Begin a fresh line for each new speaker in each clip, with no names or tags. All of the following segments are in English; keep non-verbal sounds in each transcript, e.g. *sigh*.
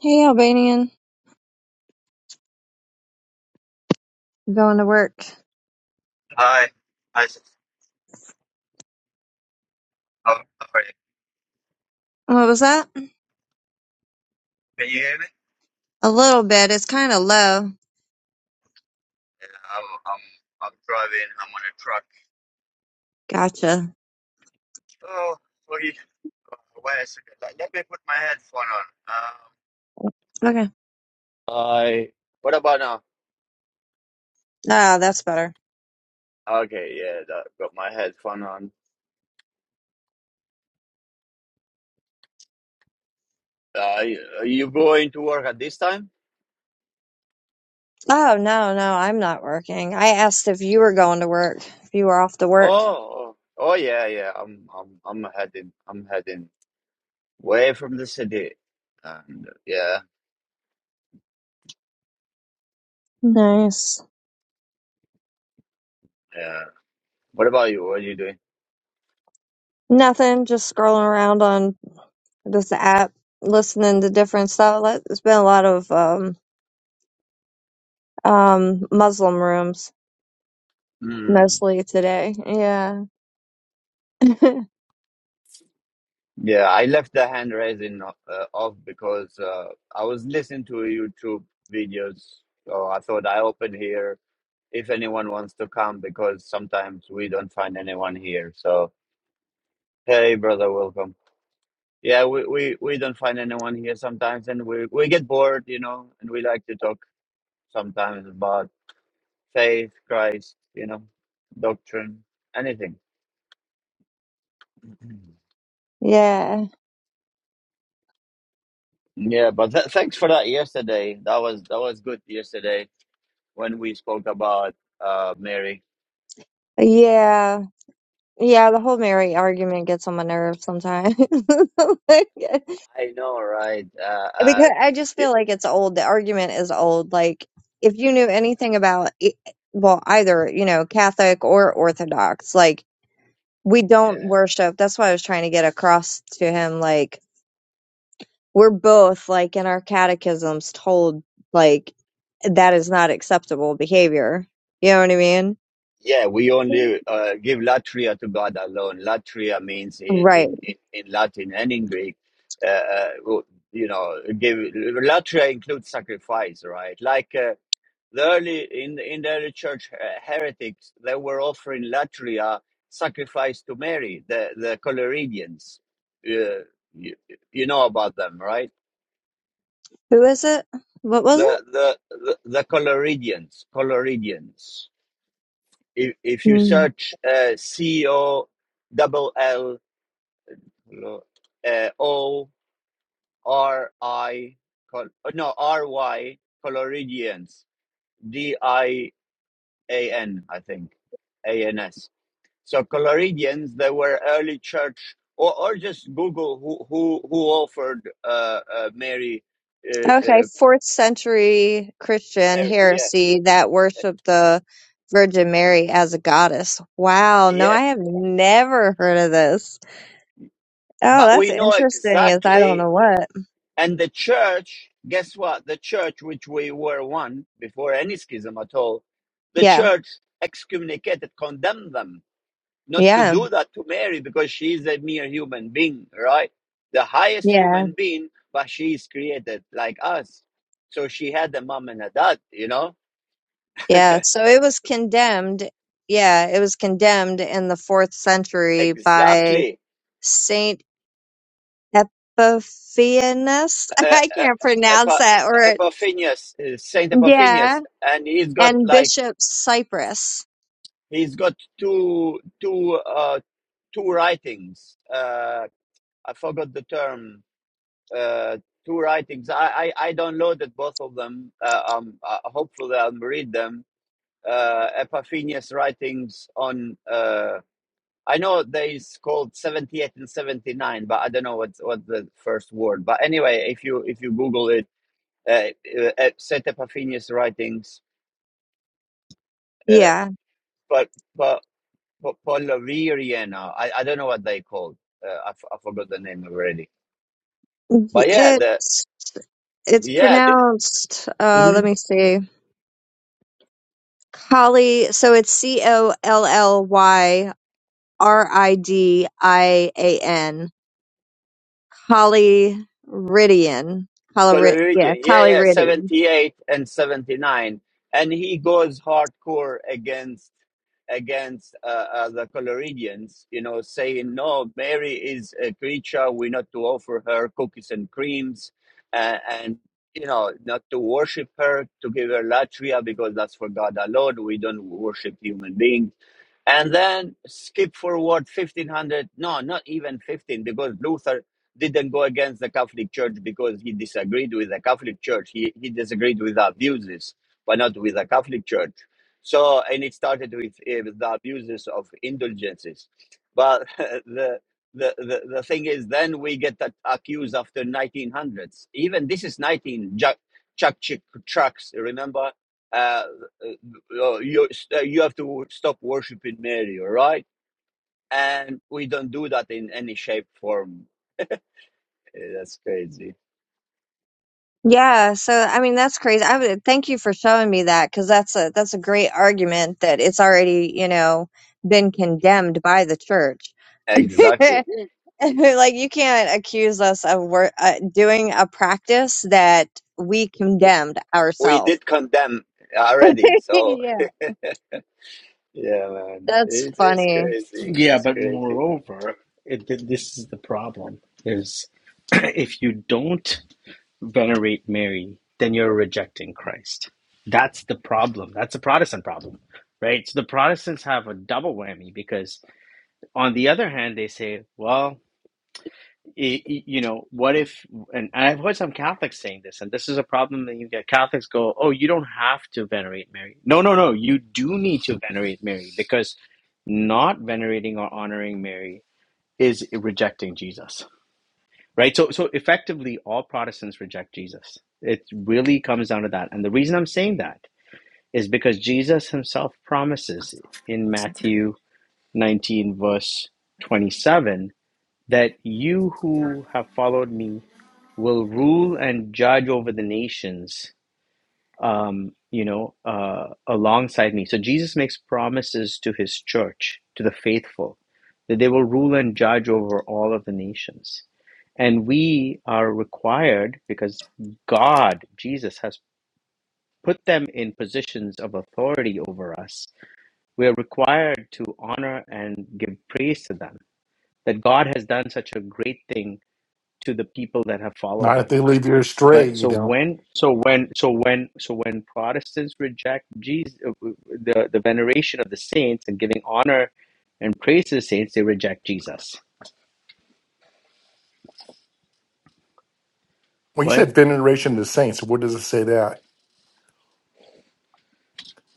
Hey, Albanian. Going to work.
Hi. Hi. s- How, how are you?
What was that?
Can you hear me?
A little bit. It's kind of low.
Yeah, I'm, I'm, I'm driving. I'm on a truck.
Gotcha.
Oh, sorry. Uh, Wait a second. Let let me put my headphone on.
Okay.
Um, I. What about now?
Ah, that's better.
Okay, yeah, that, got my headphone on. Uh, you- are you going to work at this time?
Oh, no, no, I'm not working. I asked if you were going to work, if you were off to work.
Oh, oh, oh, yeah, yeah. I'm, I'm, I'm heading. I'm heading way from the city. And uh, yeah,
Nice.
yeah. What about you? What are you doing?
Nothing, just scrolling around on this app, listening to different stuff. Like, There's been a lot of um, um, Muslim rooms
Hmm.
mostly today. Yeah. *laughs*
Yeah, I left the hand raising uh, off because uh, I was listening to YouTube videos. So I thought I open here if anyone wants to come because sometimes we don't find anyone here. So hey, brother, welcome. Yeah, we, we, we don't find anyone here sometimes and we, we get bored, you know, and we like to talk sometimes about faith, Christ, you know, doctrine, anything. *clears throat*
yeah.
Yeah, but th- thanks for that yesterday. That was that was good yesterday when we spoke about uh, Mary.
Yeah. Yeah, the whole Mary argument gets on my nerves sometimes. *laughs*
I know, right? Uh,
Like, because
uh,
I just
y-
feel like it's old. The argument is old. Like, if you knew anything about, e- well, either, you know, Catholic or Orthodox, like, we don't
yeah,
worship. That's what I was trying to get across to him. Like, we're both, like, in our catechisms told, like, that is not acceptable behavior. You know what I mean?
yeah. We only uh, give latria to God alone. Latria means
Right.
in in, in Latin and in Greek, uh, uh, you know, give latria includes sacrifice, right? Like uh, the early in in the early church uh, heretics, they were offering latria sacrifice to Mary, the the Coleridians. Uh, you, you know about them, right?
Who is it? What was
the the the, the Coloridians, Coloridians. If if you
it?
search uh, C O double L uh, O R I col- no R Y Coloridians D I A N I think A N S. So Coloridians they were early church or or just Google who who who offered uh, uh, Mary uh,
Okay,
uh,
fourth century Christian
her, yeah
heresy that worshiped the Virgin Mary as a goddess. Wow, no,
yeah.
I have never heard of this. Oh,
But
that's
we know
interesting, is I don't
exactly
know what.
And the church, guess what? The church, which we were one before any schism at all, the
Yeah,
church excommunicated, condemned them not to
yeah,
do that to Mary because she is a mere human being, right? The highest
yeah,
human being, but she is created like us. So she had a mom and a dad, you know?
yeah. So it was condemned. Yeah, it was condemned in the fourth century by
Exactly.
Saint Epiphanes. *laughs*
Uh,
I
uh,
can't pronounce
Epa-
that word.
Epiphanius, uh, Saint
Yeah,
Epiphanius, and he's got
and
like,
Bishop Cyprus.
he's got two, two, uh, two writings. Uh, I forgot the term. Uh, two writings. I, I I downloaded both of them. Uh, um, uh, hopefully I'll read them. Uh, Epiphanius writings on. Uh, I know there is called seventy eight and seventy nine, but I don't know what what the first word. But anyway, if you if you Google it, uh, uh, set Epiphanius writings. Uh,
Yeah.
but but. Polaviriana, I, I don't know what they called. Uh, I, f- I forgot the name already. But yeah, the
It's it's
yeah, the,
pronounced uh let
mhm,
me see. Collie, so it's C O L L Y R I D I A N. Colliridian. Colori
Coleridge,
yeah,
yeah, yeah,
Colliridian.
78 and 79. And he goes hardcore against against uh, uh, the Coleridgeans, you know, saying, no, Mary is a creature. We're not to offer her cookies and creams uh, and, you know, not to worship her, to give her latria because that's for God alone. We don't worship human beings and then skip forward 1500 no not even 15 because luther didn't go against the catholic church because he disagreed with the catholic church he, he disagreed with the abuses but not with the catholic church so and it started with, eh, with the abuses of indulgences but *laughs* the the, the, the thing is then we get that accused after 1900s even this is 19 jack chuck chuck trucks remember uh uh, you st- you have to stop worshiping Mary, all right? And we don't do that in any shape form. Eh, That's crazy.
Yeah, so I mean that's crazy. I would thank you for showing me that cuz that's a that's a great argument that it's already, you know, been condemned by the church. *laughs*
Exactly.
like you can't accuse us of wor- uh, doing a practice that we
W-
condemned
We
ourselves.
did condemn
*laughs*
already, so
yeah,
yeah, man,
that's
it's, it's
funny.
crazy.
Yeah,
It's
but
crazy.
moreover, it, th- this is the problem: is *clears throat* if you don't venerate Mary, then you're rejecting Christ. That's the problem. That's a Protestant problem, right? So the Protestants have a double whammy because, on the other hand, they say, well, i i- you know, what if? And I've heard some Catholics saying this, and this is a problem that you get. Catholics go, oh, you don't have to venerate Mary. No, no, no. You do need to venerate Mary because not venerating or honoring Mary is rejecting Jesus, right? So, so effectively, all Protestants reject Jesus. It really comes down to that. And the reason I'm saying that is because Jesus himself promises in Matthew 19, verse 27, that you who have followed me will rule and judge over the nations um, you know, uh, alongside me. So Jesus makes promises to his church, to the faithful, that they will rule and judge over all of the nations. And we are required, because God, Jesus, has put them in positions of authority over us, we are required to honor and give praise to them, that God has done such a great thing to the people that have followed
Not if
him
they leave you
but
astray, you
so
don't.
when so when so when so when Protestants reject Jesus, the the veneration of the saints and giving honor and praise to the saints, they reject Jesus.
When you
What?
said veneration of the saints, what does it say that?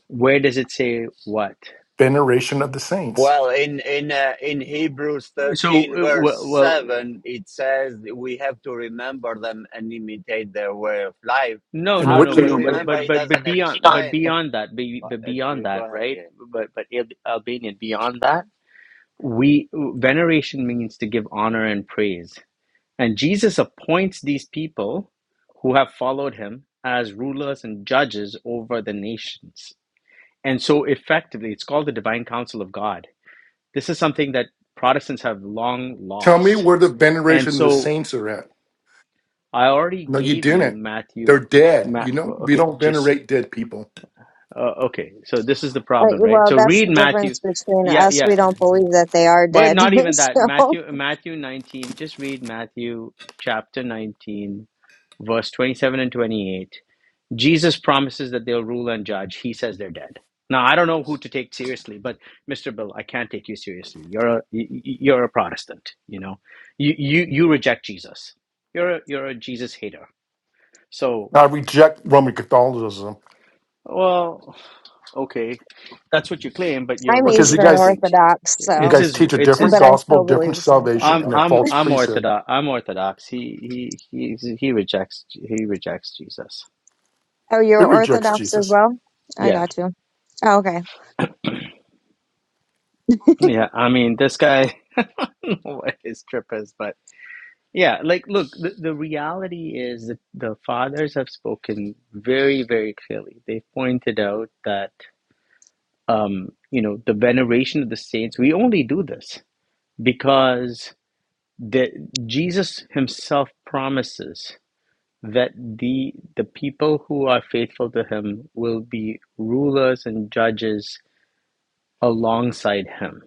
Where does it say what?
Veneration of the saints.
Well, in in uh, in Hebrews
So
thirteen
uh,
verse
well, well
seven, it says that we have to remember them and imitate their way of life.
no,
And
no,
How
what
do
no.
we
No,
But
no, but
but
remember?
but
It
but but
doesn't
beyond but
explain.
beyond that, be,
But,
but
uh,
beyond
Go
that,
ahead.
right?
yeah.
But but Al- Albanian beyond that, we veneration means to give honor and praise. And Jesus appoints these people who have followed him as rulers and judges over the nations. And so, effectively, it's called the divine counsel of God. This is something that Protestants have long
tell me
lost.
where the
And
veneration of the
so,
saints are at.
I already
No, you
gave you
didn't. They're
Matthew.
dead.
Ma-
You know, we
okay,
don't
just say.
venerate dead people.
Uh, okay, so this is the
Uh,
problem, right?
well,
So,
that's
read
the
Matthew.
difference between
Yeah,
us. We
yeah.
don't believe that they are
But
dead.
not
*laughs*
even that.
so
Matthew, Matthew 19. Just read Matthew chapter 19, verse 27 and 28 Jesus promises that they'll rule and judge. He says they're dead. Now I don't know who to take seriously, but Mr. Bill, I can't take you seriously. You're a a y- you're a Protestant. You know, you you you reject Jesus. You're a, you're a Jesus hater. So
I reject Roman Catholicism.
well, okay, that's what you claim, but you're
I'm
really
Because you
Eastern
guys
rejecting.
Orthodox,
you
It's
so
guys
his.
teach a
It's
different
but
his.
I
gospel,
still believe
different
the same
salvation,
thing.
I'm
and a
But
I'm
false
I'm
priesthood.
Orthodox. I'm Orthodox. He he he he rejects he rejects Jesus.
oh, you're
It rejects
Orthodox as
Jesus.
well. I
Yeah
got you. Oh, okay. *laughs*
yeah. I mean, this guy, *laughs* what his trip is, but. Yeah, like look, the, the reality is that the fathers have spoken very, very clearly. They've pointed out that um, you know, the veneration of the saints, we only do this because the Jesus himself promises that the the people who are faithful to him will be rulers and judges alongside him.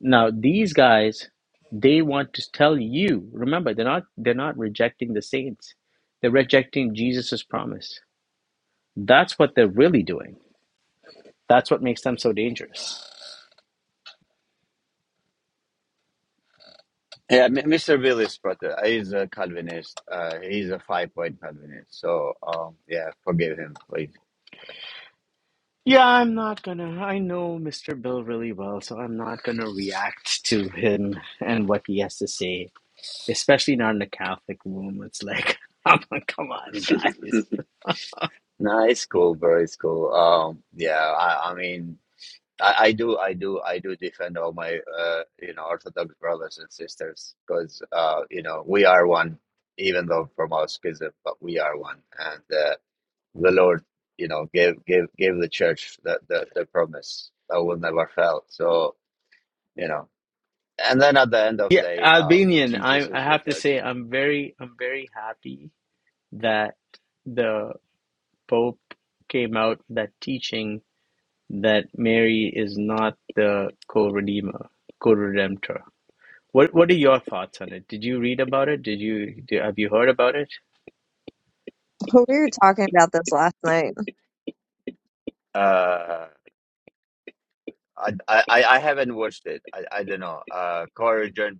Now these guys, they want to tell you. Remember, they're not they're not rejecting the saints. They're rejecting Jesus's promise. That's what they're really doing. That's what makes them so dangerous.
Yeah, M- Mr. Billy's brother, he's a Calvinist. Uh, he's a five-point Calvinist. So, um, yeah, forgive him, please.
Yeah, I'm not gonna. I know Mr. Bill really well, so I'm not gonna react to him and what he has to say, especially not in a Catholic room. It's like, *laughs* like, come on,
*laughs*
guys.
Nah, it's cool, bro. It's cool. Um, yeah, I, I mean, I, I do, I do, I do defend all my, uh, you know, Orthodox brothers and sisters because, uh, you know, we are one, even though from our schism, but we are one, and uh, the Lord, you know, gave gave gave the church the the, the promise that will never fail. So, you know. and then at the end of
Yeah,
the day, uh,
Albanian. I
Jesus
I
is the
have to say,
judge.
I'm very I'm very happy that the Pope came out with the teaching that Mary is not the co-redeemer, co-redemptor. What What are your thoughts on it? Did you read about it? Did you do, have you heard about it?
we were talking about this last night.
Uh, I, I I I haven't watched it. I, I don't know. Uh, Corey Jones.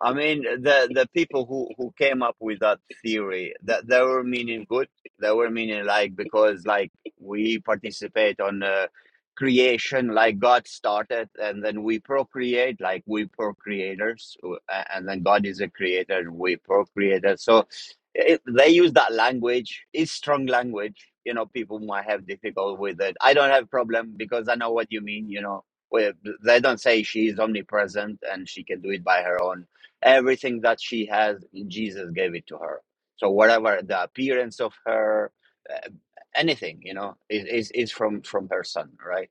I mean, the the people who who came up with that theory that they were meaning good. They were meaning like because like we participate on uh, creation, like God started, and then we procreate, like we procreators, uh, and then God is a creator, we procreator. So it, they use that language it's strong language you know people might have difficult with it i don't have problem because i know what you mean you know where they don't say she is omnipresent and she can do it by her own everything that she has jesus gave it to her so whatever the appearance of her uh, anything you know is, is is from from her son right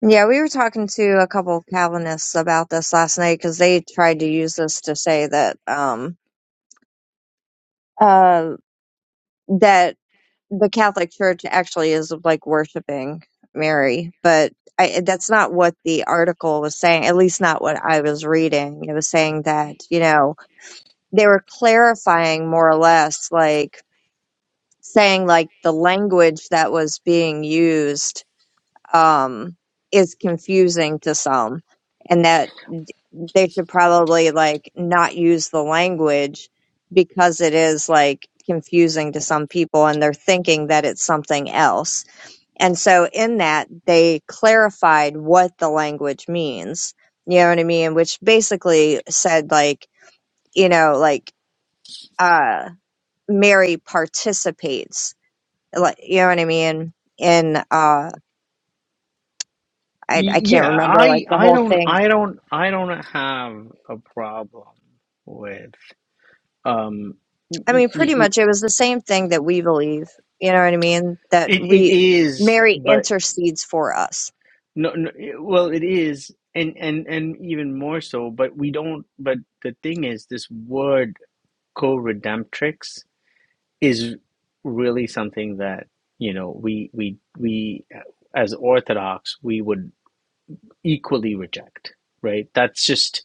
Yeah, we were talking to a couple of Calvinists about this last night because they tried to use this to say that um uh that the Catholic Church actually is like worshiping Mary, but I, that's not what the article was saying. At least not what I was reading. It was saying that you know they were clarifying more or less, like saying like the language that was being used um, is confusing to some, and that they should probably like not use the language because it is like confusing to some people and they're thinking that it's something else. And so in that they clarified what the language means. You know what I mean? Which basically said like, you know, like uh Mary participates. Like you know what I mean? In uh I I
Y-
can't
Yeah,
remember like
I
the
I
whole
don't
thing,
I don't I don't have a problem with um
I mean, pretty
it
much it was the same thing that we believe. You know what I mean? That
it
we,
is
Mary
but
intercedes for us.
no, no well it is and and and even more so but we don't but the thing is this word co-redemptrix is really something that you know we we we as orthodox we would equally reject right that's just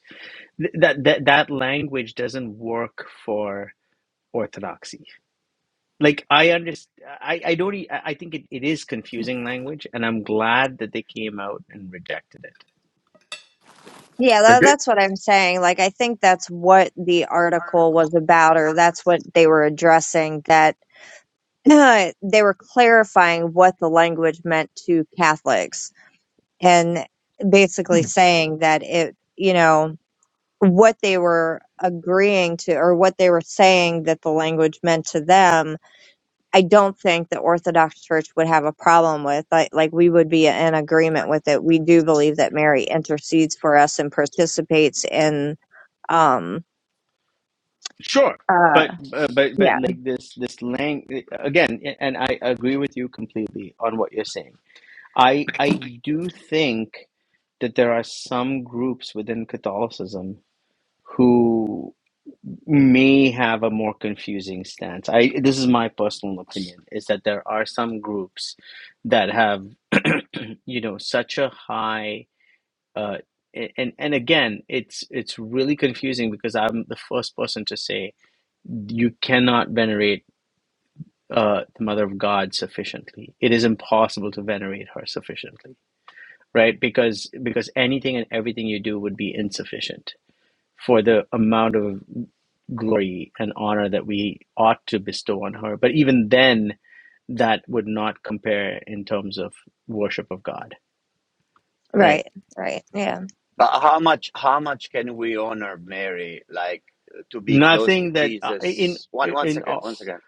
th- that that that language doesn't work for orthodoxy like i understand i i don't e- i I think it, it is confusing language and i'm glad that they came out and rejected it
Yeah,
They
tha
did.
that's what I'm saying. Like, I think that's what the article was about, or that's what they were addressing, that *clears throat* they were clarifying what the language meant to Catholics and basically saying that it, you know, what they were agreeing to or what they were saying that the language meant to them I don't think the Orthodox Church would have a problem with. Like, like we would be in agreement with it. We do believe that Mary intercedes for us and participates in. Um.
sure but
Uh.
uh, but but
Yeah.
like this this lang again and i agree with you completely on what you're saying I I do think that there are some groups within Catholicism who may have a more confusing stance. I this is my personal opinion is that there are some groups that have *clears throat* you know such a high uh, a- and and again it's it's really confusing because I'm the first person to say you cannot venerate uh, the Mother of God sufficiently. It is impossible to venerate her sufficiently right? Because because anything and everything you do would be insufficient for the amount of glory and honor that we ought to bestow on her. But even then, that would not compare in terms of worship of God, right?
Right. Right. Yeah.
but how much how much can we honor mary like to be close to
Nothing that uh, in
jesus one one
in
second
all.
one second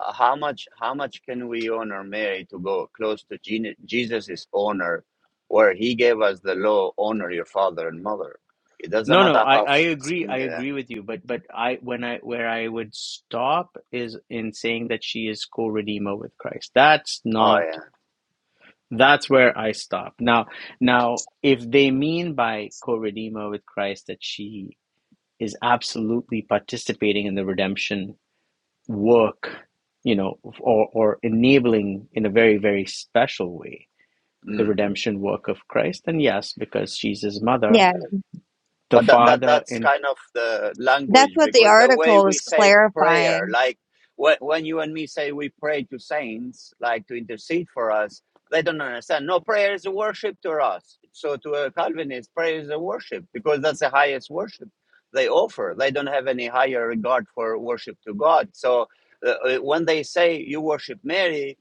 uh, how much how much can we honor Mary to go close to Gene- Jesus's honor, where he gave us the law: honor your father and mother. It doesn't
No, no,
matter
I
how.
I agree. I
Yeah.
agree with you. But but I when I where I would stop is in saying that she is co-redeemer with Christ. That's
Oh
not.
yeah.
That's where I stop. Now, now, if they mean by co-redeemer with Christ that she is absolutely participating in the redemption work, you know, or or enabling in a very, very special way the
mm-hmm.
redemption work of Christ, then yes, because she's his mother,
Yeah.
the
but that, that
father,
that's
and
kind of the
That's
language
what the
because the way
article
we
is
say prayer
clarifying
like when, when you and me say we pray to saints like to intercede for us they don't understand no prayer is a worship to us so to a calvinist prayer is a worship because that's the highest worship they offer they don't have any higher regard for worship to god so uh, uh, when they say you worship mary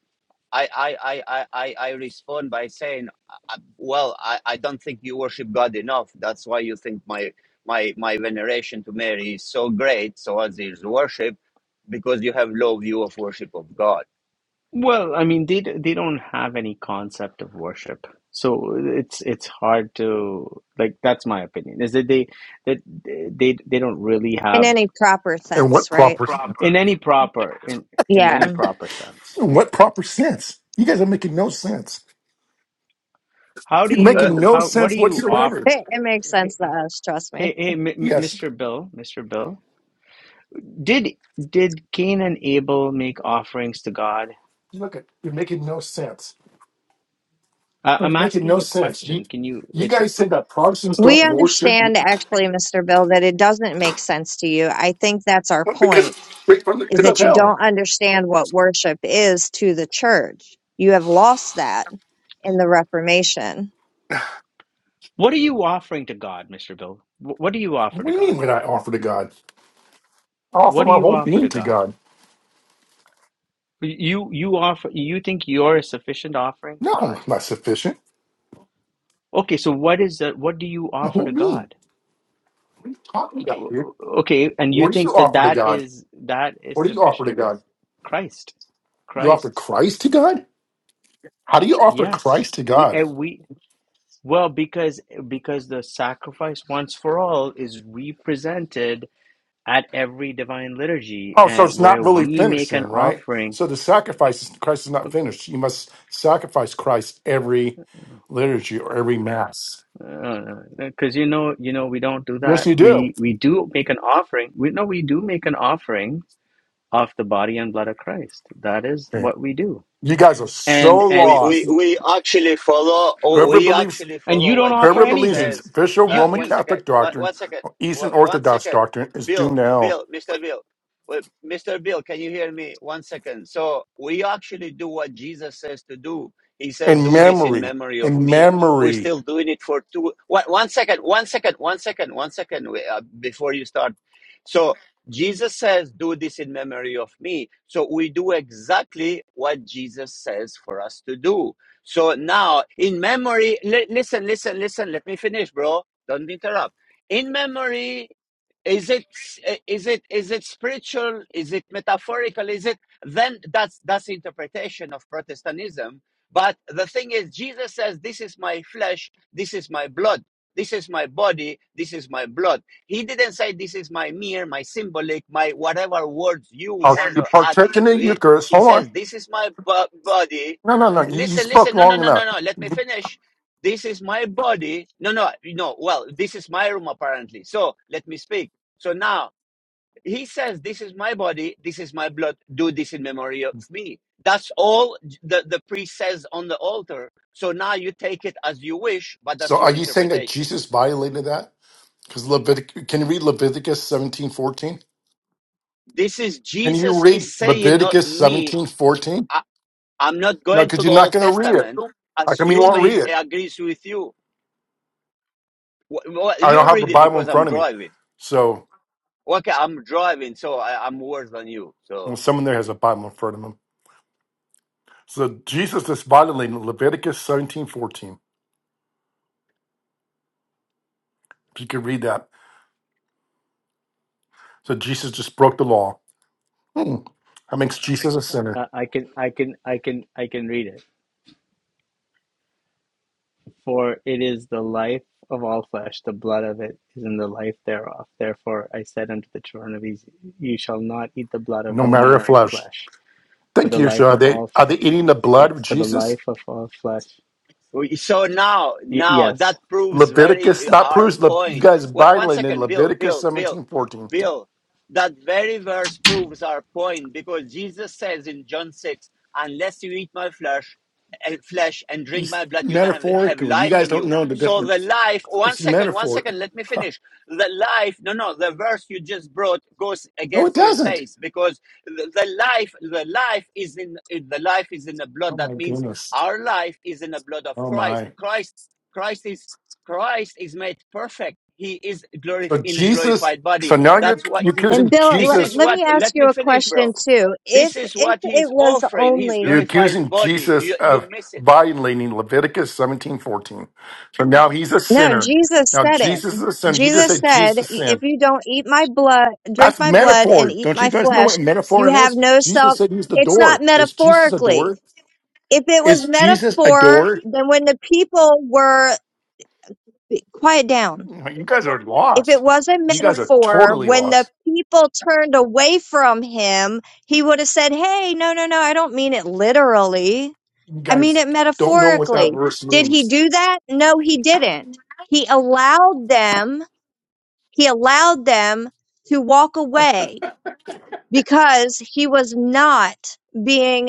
I I I I I respond by saying, uh, well, I, I don't think you worship God enough. That's why you think my my my veneration to Mary is so great, so as is worship, because you have low view of worship of God.
well, I mean, they they don't have any concept of worship, so it's it's hard to like. That's my opinion. Is that they that they they don't really
in
have
any proper
And
sense,
what
right?
proper
in any proper in in any
Yeah.
proper sense
and what proper sense? You guys are making no sense.
how do
You're
Uh,
making
you
no
how what do
sense
you
whatsoever.
offer
It, it makes
hey
sense to
hey,
us. Trust me.
hey M- M-
Yes.
mr bill mr bill did did cain and abel make offerings to god
Look at you're making no sense.
I
No,
i'm
You're making
asking
no
you a
sense. You,
question can you
you
it's
guys said that Protestants
a,
We
don't
uh,
worship
understand, actually, Mr. Bill, that it doesn't make sense to you. I think that's our
because
point.
straight from the
is
pit of
that you
hell.
don't understand what worship is to the church. You have lost that in the Reformation.
what are you offering to god mr bill Wh- what do you offer
What
to
do you mean
god
when I offer to God? I offer
what do
my
you
whole
offer
being
to
to
god
God.
you you offer you think you're a sufficient offering to
No,
god
not sufficient.
okay so what is that what do you
My
offer
whole
to
being.
god
What are you talking about, dude?
Okay, and you
What do you
think that
offer to
that
God?
is that is
What do you offer to
sufficient?
God?
Christ,
You offer
Christ.
Christ to God? How do you offer
Yes,
Christ to
we
God?
uh, we well because because the sacrifice once for all is represented at every divine liturgy,
Oh, so
uh,
it's not
where
really
we make an
finishing, right?
offering.
So the sacrifice, Christ is not finished. You must sacrifice Christ every liturgy or every mass.
Because you know, you know, we don't do
Yes,
that.
you do.
We we do make an offering. We no, we do make an offering of the body and blood of Christ. That is
Okay.
what we do
You guys are so
and
we,
and
we
lost.
we actually follow oh,
Whoever
we
believes,
actually
and you
follow
don't
what
offer
whoever
jesus
believes in
anything
says
official
uh
you
Roman
one
you
second
Catholic
one,
doctrine
one second
or Eastern
one one
Orthodox
second
doctrine is
bill
doomed to hell.
bill mr bill Wait, mr bill can you hear me one second so we actually do what jesus says to do he says
In
do this in
memory,
memory of
in
me we're
memory
still doing it for two. two one, one second one second one second one second We- uh, before you start so Jesus says, Do this in memory of me. So we do exactly what Jesus says for us to do. So now, in memory, li- listen, listen, listen, let me finish, bro. Don't interrupt. In memory, is it is it is it spiritual is it metaphorical is it then that's that's interpretation of protestantism but the thing is jesus says this is my flesh this is my blood this is my body this is my blood he didn't say this is my mere, my symbolic, my whatever words you
of
want
the
to add
partaking of the
into it.
Eucharist.
He
Hold on.
says, This is my body.
No, no, no. You, you
Listen,
spoke
listen. No, no,
long
no, no,
enough.
no. Let me finish. This is my body. No, no, no. Well, this is my room, apparently. So let me speak. So now he says, This is my body. This is my blood. Do this in memory of me. That's all the, the priest says on the altar. So now you take it as you wish, but
So
that's
are
your
you saying that
interpretation.
Jesus violated that? Because Leviticus, can you read Leviticus seventeen fourteen?
This is
Can you
Jesus is
read
saying, not
Leviticus
me.
seventeen fourteen?
I, I'm not
No,
going to
because
the
you're not
Old
going to read it.
Testament,
How come you won't
assuming
read
it
it?
agrees with you. Wh- wh-
I don't
You
have the
read it
Bible in
because I'm
front of me.
driving.
So
Okay, I'm driving, so I, I'm worse than you. So.
well, someone there has a Bible in front of them. So Jesus is violating Leviticus seventeen fourteen. If you could read that. So Jesus just broke the law. Hmm. That makes Jesus a sinner,
uh, i can i can i can i can read it for it is the life of all flesh the blood of it is in the life thereof therefore i said unto the children of israel you shall not eat the blood of
no
no
matter of
manner of
flesh.
flesh for
Thank
the
you.
life
So are
of
they
all
are they
fl-
eating the blood
yeah
of
for the
Jesus?
life of all flesh
We- So now,
y-
now that
yes
proves very
Leviticus,
uh,
not
our
proves. Le, you
point.
guys
What, one
violating
second, Bill,
Leviticus
Bill, Bill,
seventeen fourteen.
Bill. That very verse proves our point because Jesus says in John six, "Unless you eat my flesh, and flesh and drink
He's
my blood, you don't have, have
metaphorically. You
life
guys
in
don't
you."
know the
So the
difference.
life. One
It's
second, one
metaphor.
second. Let me finish. The life. No, no. The verse you just brought goes
No, it
against your
doesn't.
face because the, the life, the life is in the life is in the
Oh
blood. That
my
means
goodness.
our life is in the blood of
Oh
Christ.
my.
Christ, Christ is Christ is made perfect. He is glorif
So
in a
Jesus.
glorified
So
body.
now you're
That's what
you're
he.
And
accusing
Bill,
This
let,
is
Jesus.
let me
what.
ask
Let me
you a
finish,
question
bro.
too.
This
If
is
if
what
it
he's
was
offering. His
You're
only
glorified
accusing
body.
Jesus
You you
of
miss it
violating Leviticus seventeen fourteen. So now he's a
no,
sinner.
Jesus
Now
said it.
Jesus is a sinner. You just
Jesus
said
said,
Jesus sinned.
"If you don't eat my blood, drink
That's
my blood, and
metaphor.
eat
Don't you
my
guys know
flesh,
what metaphor
you have
is?
no
Jesus
self."
said he's the
It's not
door. Is Jesus a
metaphorically.
door?
If it was
Is Jesus a
metaphor,
door?
then when the people were quiet down
You guys are
if it
lost.
was a
You guys are
metaphor,
totally
when the
lost.
people turned away from him, he would have said, Hey, no, no, no, I don't mean it literally.
You
I mean
guys
it
don't know what that
metaphorically.
verse
Did he
means.
do that? No, he didn't. He allowed them, he allowed them to walk away because he was not being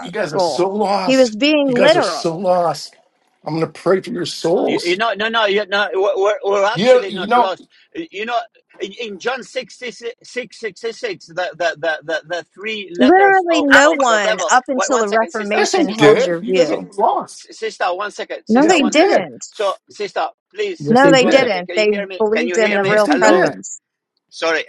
You guys are so
He
lost.
was being
You guys are so
literal.
lost. I'm gonna pray for your
You, you
souls.
know, no, no, you know, we're, we're
Yeah,
actually
you
not
know,
lost. You know, in, in John six 66, 666, the, the, the, the, the three letters
Literally,
of,
no
of the
one
devil.
up
Wait,
until
one
the
second, sister,
yes they
Reformation
sister,
held
did.
your
You guys
si,
are
view.
lost.
si- sister, one second,
No,
Yes
sister,
they
they
one second.
did.
didn't
So, sister, please,
Yes
No,
they
please,
they
one
did.
second.
didn't.
Can you
They
hear me? Can
believed
you
in
hear
the
me?
Yes
real
they
Hello?
did.
presence.
Sorry.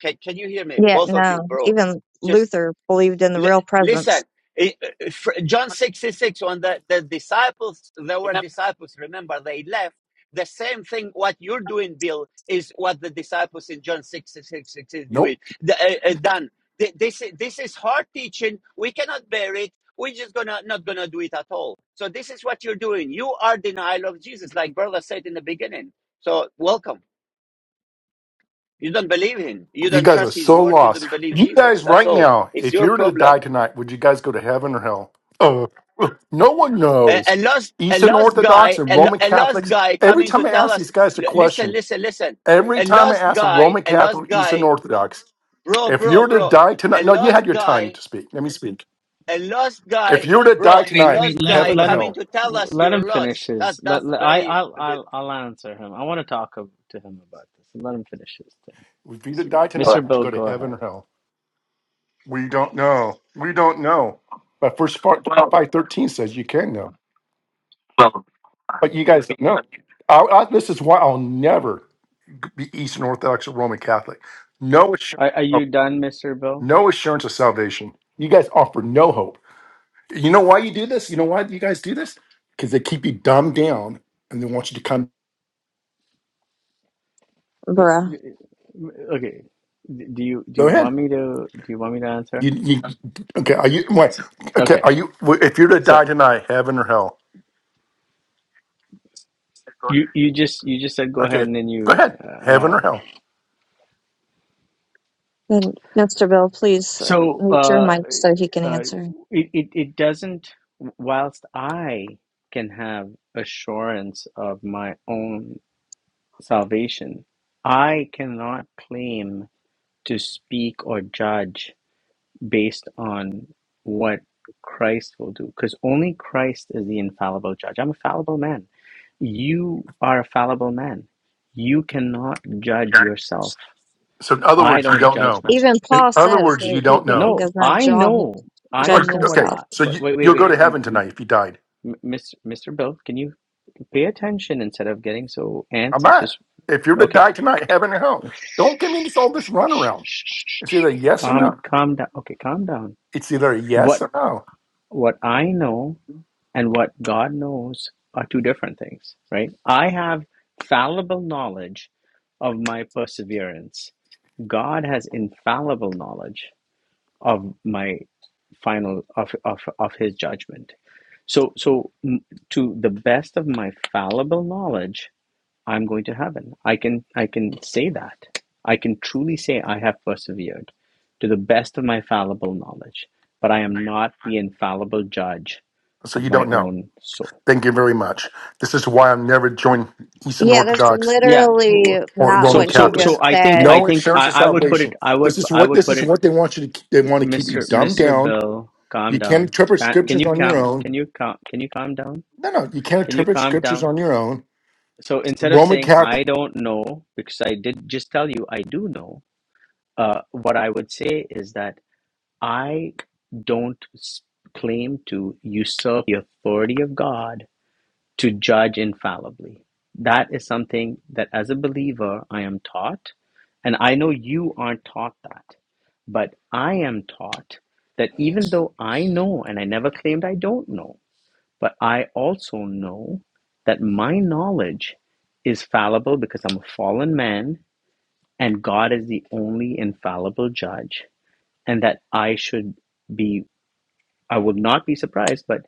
Can, can you hear me?
Yeah,
Both of you,
no.
bro.
Even
Just.
Luther believed in the
L-
real presence.
listen, i- fr- John 66, when the, the disciples, there were disciples, remember, they left. The same thing what you're doing, Bill, is what the disciples in John 66 is doing,
Nope.
the, uh, uh, done. Th- This, i- this is hard teaching. We cannot bear it. We're just gonna not gonna do it at all. So this is what you're doing. You are denial of Jesus, like brother said in the beginning. So welcome. You don't believe him. You
You
don't
guys are
trust his
so
words. You
lost.
don't believe
You
Jesus.
guys
That's
right
all.
now,
It's
if
your
you were to die
problem.
tonight, would you guys go to heaven or hell? Uh, no one
a, a
knows.
lost a
Eastern
lost
Orthodox
guy
and
a, lo-
Roman
a lost
Catholics,
guy
every
coming to
time I
tell
ask
us
these guys a
"L- listen
question,
listen listen
every
a
time I
lost
ask a
guy
Roman
a lost
Catholic, Eastern
guy
Orthodox.
bro
If you
bro
were to
bro
die
a
tonight, no, you had
lost
your time
guy
to speak. Let me speak.
a lost
If
guy
you were to
bro
die
a
wait
tonight,
wait
lost
let
guy
heaven or
let him
coming
hell,
to tell us
let him
you're lost
finish
that
his let,
that's
let- i
very
I'll, I'll i'll answer him i want to talk ab- to him about this let him finish his thing
if you were to die tonight,
mr
would you
bill
go to
go
heaven
ahead
or hell? We don't know. We don't know. But First five thirteen says you can know, but you guys don't know. I, I, this is why I'll never be Eastern Orthodox or Roman Catholic. No assurance,
Are, are
of,
you done, Mr. Bill?
no assurance of salvation. You guys offer no hope. You know why you do this? You know why you guys do this? Because they keep you dumbed down and they want you to come.
Uh,
Bruh.
y- y- Okay. D- Do you do
Go
you
ahead.
want me to do you want me to answer?
You, you, okay, are you, wait, okay,
Okay.
are you, if you're to die
So
tonight, heaven or hell?
you you just you just said go ahead
Okay,
and then
go
you
ahead,
uh
heaven
uh,
or hell.
And Mr. Bill, please uh,
so
mute your
uh
mic so he can
uh
answer.
it it, it doesn't whilst I can have assurance of my own salvation, I cannot claim to speak or judge based on what Christ will do, because only Christ is the infallible judge. I'm a fallible man. You are a fallible man. You cannot judge yourself.
So, in other
I
words, you
don't
don't
judge
know.
my.
Even
In
Paul
other
says
words, you
that he
don't
can't,
know.
he
No,
does not
I
ju-
know. I
Are you-
judge
know what
Okay,
himself.
I.
so
But
you,
wait, wait,
you'll go
wait,
to heaven
M-
tonight if you died.
m- Mr. Mr. Bill, can you pay attention instead of getting so
I'm
antsy?
not.
Just
If you're to
okay.
die tonight, heaven or hell,
Shh,
don't give me
shh,
this, all
shh,
this
shh, shh.
runaround.
shh,
It's
shh.
either yes or
Calm,
no.
calm down. Okay, calm down.
It's either
What
yes or no.
what I know and what God knows are two different things, right? I have fallible knowledge of my perseverance. God has infallible knowledge of my final of of, of his judgment. So so mm, to the best of my fallible knowledge, I'm going to heaven. I can I can say that. I can truly say I have persevered to the best of my fallible knowledge, but I am not the infallible judge
So,
of
you
my
don't know.
own soul.
Thank you very much. This is why I'm never joined Eastern
Yeah, that's
Orthodox
Yeah.
literally
or
not
Roman
So
what he
so
just
Catholics.
so I think
said.
I
No
think
assurance
I,
of
I would put
And
it
salvation.
I would
This is
I
what
would
this
put
is
it
what they want you to. They want to keep you
Mr.
dumbed
Mr.
down.
Bill calm
You can't
down.
interpret
Can, can
scriptures
you
on your
calm
own.
can you calm can you calm down?
No, no, you can't
Can you
interpret
calm
scriptures
down?
on your own.
So instead of
Roman
saying I
Catholic.
don't know because I did just tell you I do know, uh, what I would say is that I don't s- claim to usurp the authority of God to judge infallibly. That is something that as a believer I am taught, and I know you aren't taught that, but I am taught that even though I know, and I never claimed I don't know, but I also know that my knowledge is fallible because I'm a fallen man and God is the only infallible judge, and that I should be, I would not be surprised, but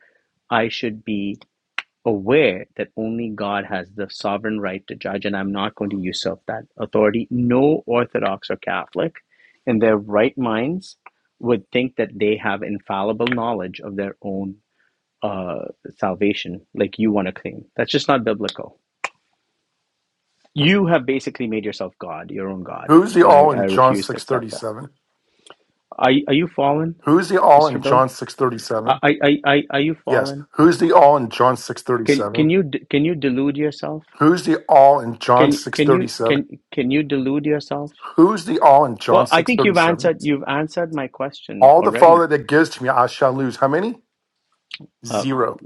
I should be aware that only God has the sovereign right to judge, and I'm not going to usurp that authority. No Orthodox or Catholic in their right minds would think that they have infallible knowledge of their own uh, salvation, like you want to claim. That's just not biblical. You have basically made yourself God, your own God,
Who's the
and I,
all
I
in John
refuse to
six thirty
accept that.
seven?
Are, are you fallen,
Who's the all
Mr.
in
Bill?
John six thirty
Are,
seven?
are, are, are you
Yes.
fallen?
Who's the all in John six thirty
Can,
seven?
can, you, can you delude yourself?
Who's the all in John
Can
six
can
thirty
you
seven?
can can you delude yourself?
Who's the all in John
Well, I
six
think
thirty
you've
seven?
answered you've answered my question
All the
already,
Father that gives to me, I shall lose. How many?
uh,
Zero.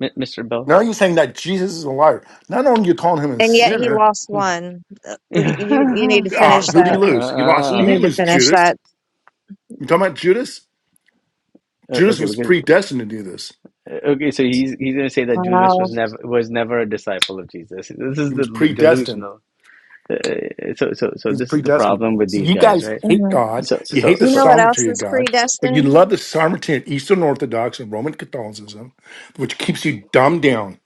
M- Mr. Bell.
Now you're saying that Jesus is a liar. Not only you calling him a
yet he
sinner,
lost one. Uh, You, you need to
uh,
finish
who did he
that.
*laughs*
lose? He lost.
You
He
Uh,
didn't
need to
lose
finish
Judas.
that.
You talking about Judas? Judas
okay,
was
because
predestined to do this.
okay, so he's he's going to say that Judas was
Wow.
never was never a disciple of Jesus. This is
He
the
was
l-
predestined.
delusional. Uh, so so so
He was
this is the
predestined.
problem with
So
these
you
guys,
guys
right?
hate
Mm-hmm.
God.
So
You
so
hate the
You know
so
what else
sovereignty of
is
God, but you
predestined?
love the sovereignty of Eastern Orthodox and Roman Catholicism, which keeps you dumbed down.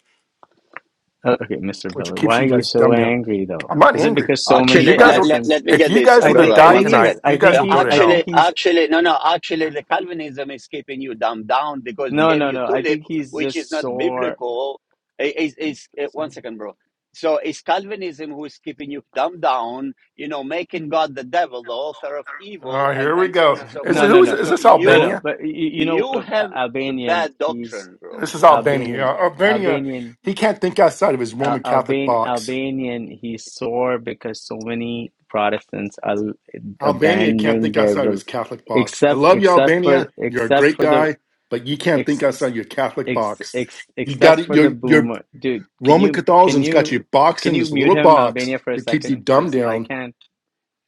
uh, okay, Mr.
Which
Bell,
keeps
why
you
are you
guys
so
dumbed down.
angry though?
I'm not
Is it
angry
because so
because
many
you
Actually,
guys
let,
will.
let,
Protestants?
let me
If
get
you
this,
guys
uh,
I
were to
think
brother.
I
die
One
think
tonight,
second.
he's
you
I
guys
Uh,
think
will go
he's
to
I
hell
think
actually,
he's
actually, no, no. Actually, the Calvinism is keeping you dumb down because it
No,
gave
no,
you
no. I
tulip,
think he's
which is
just
not
sore.
biblical. I- Is is uh, one second, bro. So it's Calvinism who is keeping you dumb down. You know, making God the devil, the author of
All
evil,
right,
and
here we
and so
go.
on and so
Is it,
No,
forth.
no,
who is,
no,
is
So
this?
no,
you
no.
Albania?
But you, you know,
you
uh,
have the
Albanian.
bad
He's
doctrine, bro.
This is Albania. Yeah,
Albanian.
Albania.
Albanian.
He can't think outside of his
Al
Roman Catholic
Alban
box.
Albanian. He's sore because so many Protestants are l-
Albania can't
abandoning
think
their
outside of
rel
his Catholic box. I
except
love you,
except for
Albania. You're a
except
great
for the
guy, but you can't think
ex,
outside your Catholic
ex,
box.
ex,
You got
except
it.
for the
Your your
boomer. Dude, can
Roman
you can
Catholicism's got you
you
boxed
can
in
you
this
mute
little
him,
box
Albania, for a
to keep you
second?
dumbed
Because I
down
can't.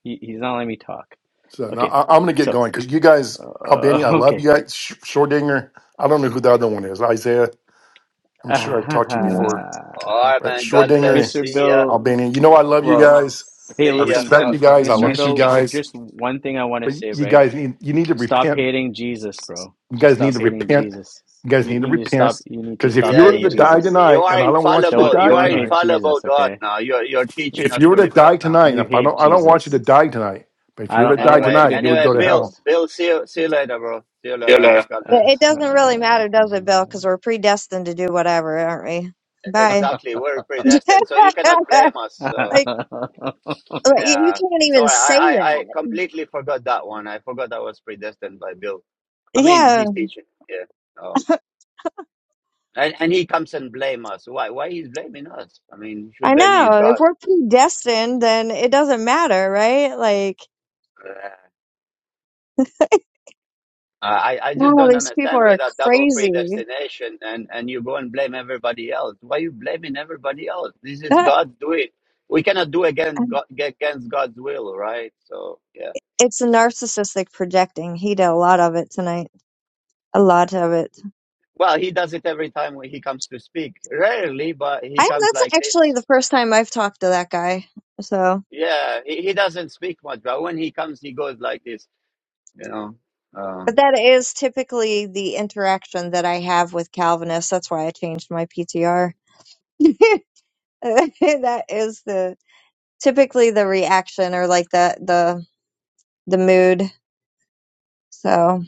He, he's not letting me talk.
So now
Okay,
I, I'm going to get
so.
going because you guys, Albany,
Uh,
I love
okay.
you guys. Sh- Schrodinger, I don't know who the other one is. Isaiah,
*laughs*
I'm sure I've talked to you
Hmm.
before,
All right,
but
man. God bless.
Schrodinger and
Mr.
See ya.
Bill,
Albany, you know I love you
well,
guys.
hey,
I
See ya.
listen,
respect you
uh,
guys. I
Mr.
like you
Bill,
guys,
just one thing I want to
but
say,
you
right?
guys need you need to
Stop
repent.
hating Jesus, bro.
You
Just
guys need
stop
to
hating
repent.
Jesus.
You guys
You,
need to
you need to stop.
repent
You need to
because if
stop
you
Yeah,
were
hating
to
you,
die
Jesus.
you
tonight, and
are
I don't want you to
Don't
infallible.
die
You are
don't
tonight,
hate
infallible,
Jesus,
God.
okay?
Now you're you're teaching
if
us
you were
to
to die
repent now.
tonight, and
You
if I
hate
don't, I don't want you to
Jesus.
die tonight. But if
I
you were
don't.
to
I
die
don't want
Anyway,
you
tonight,
to
you would
hate
anyway,
go to
Bill,
hell
Jesus.
Bill, see you, see you later, bro. See you later. God
It, it
bless.
doesn't really matter, does it, Bill? Because
*laughs*
we're predestined to do whatever, aren't we? Bye.
Exactly, we're
*laughs*
predestined, so you cannot
like,
blame us. So.
like, you you
Yeah.
can't even
Sorry, I,
say
I, I
that.
completely forgot that one. I forgot that was predestined by Bill. I mean,
Yeah,
he's teaching. Yeah. Oh. And and he comes and blame us. Why? Why he's blaming us? I mean, he should
I
blame his
know. If
God.
we're predestined, then it doesn't matter, right? Like,
Yeah. I, I I just
no,
don't
these people
understand
are
with that double
crazy. *laughs*
predestination and, and you go and blame everybody else. Why you blaming everybody else? This is God's doing. We cannot do against God, against God's will, right? So yeah.
it's narcissistic projecting. He did a lot of it tonight. A lot of it.
Well, he does it every time when he comes to speak. Rarely, but he
I
comes
that's
like
actually
this
the first time I've talked to that guy. So.
Yeah, he, he doesn't speak much, but when he comes, he goes like this, you know.
But
Um,
that is typically the interaction that I have with Calvinists. That's why I changed my PTR. *laughs* that is the typically the reaction or like the the the mood. So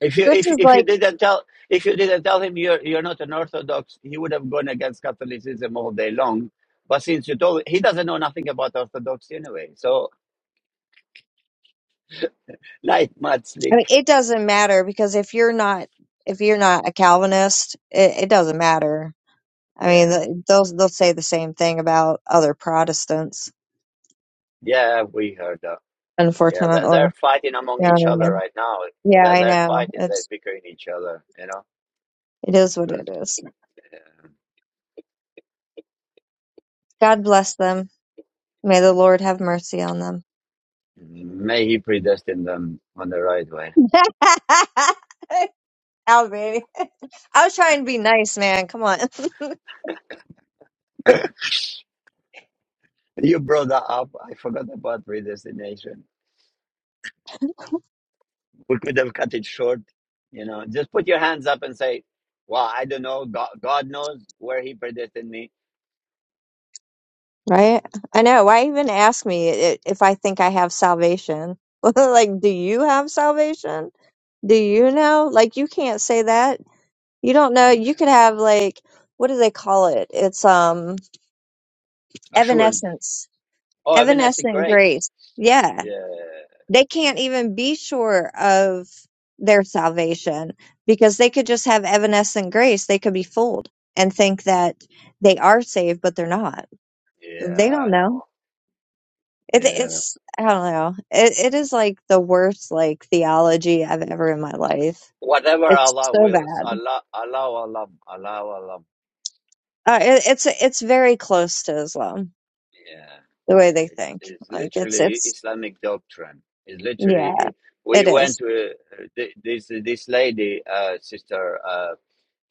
if you
Chris
if
is
if you
like,
didn't tell if you didn't tell him you're you're not an Orthodox, he would have gone against Catholicism all day long. But since you told, he doesn't know nothing about Orthodoxy anyway. So light mud
I mean,
slick.
it doesn't matter because if you're not if you're not a Calvinist, it, it doesn't matter. I mean,
Yeah,
th- they'll they'll say the same thing about other Protestants.
yeah, we heard that. Yeah, they're,
Unfortunately,
they're fighting among
you know
each
what I
other
mean?
right now.
Yeah,
They're,
I
they're
know.
fighting, they're
It's
bickering each other, you know.
it is what
Because,
it is.
yeah.
God bless them. May the Lord have mercy on them.
May he predestine them on the right way.
*laughs* Ow, baby. I was trying to be nice, man. Come on. *laughs*
You brought that up. I forgot about predestination. We could have cut it short. You know, just put your hands up and say, "Well, I don't know. God, God knows where He predestined me."
right? I know. Why even ask me i- if I think I have salvation? *laughs* like, do you have salvation? Do you know? Like, you can't say that. You don't know.
Mm.
You could have, like, what do they call it? It's, um,
Assurance.
evanescence,
Oh, evanescent
evanescent
grace.
grace. Yeah.
Yeah,
they can't even be sure of their salvation because they could just have evanescent grace. They could be fooled and think that they are saved, but they're not. They
yeah,
don't know.
no,
It,
yeah.
it's I don't know. It it is like the worst like theology I've ever in my life.
Whatever
It's
Allah
so
wills,
bad.
Allah, Allah, Allah, Allah, Allah.
Uh, it, it's it's very close to Islam
Yeah,
the way
yeah,
they
it's,
think.
it's
Like it's
literally
it's
Islamic doctrine. It's literally
yeah,
It,
it
we
is.
went to uh, th- this this lady, uh, sister. Uh,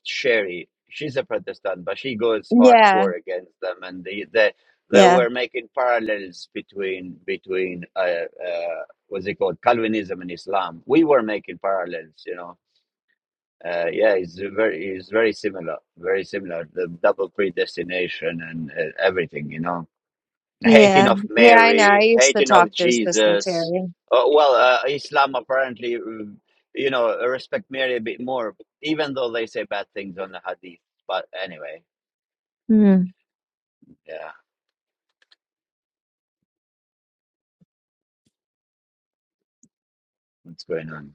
Sherry, she's a Protestant, but she goes
Yeah,
hardcore against them, and they they, they
yeah,
were making parallels between between uh, uh, what's it called Calvinism and Islam. We were making parallels, you know. Uh, yeah, it's very it's very similar, very similar. The double predestination and uh, everything, you know hating
yeah,
of
yeah. I know. I
Mary,
used to
hating
talk
of
to his sister
Jesus.
Terry.
Uh, well, uh, Islam apparently, mm, you know, respect Mary a bit more, even though they say bad things on the Hadith. But anyway,
Hmm.
yeah, what's going on?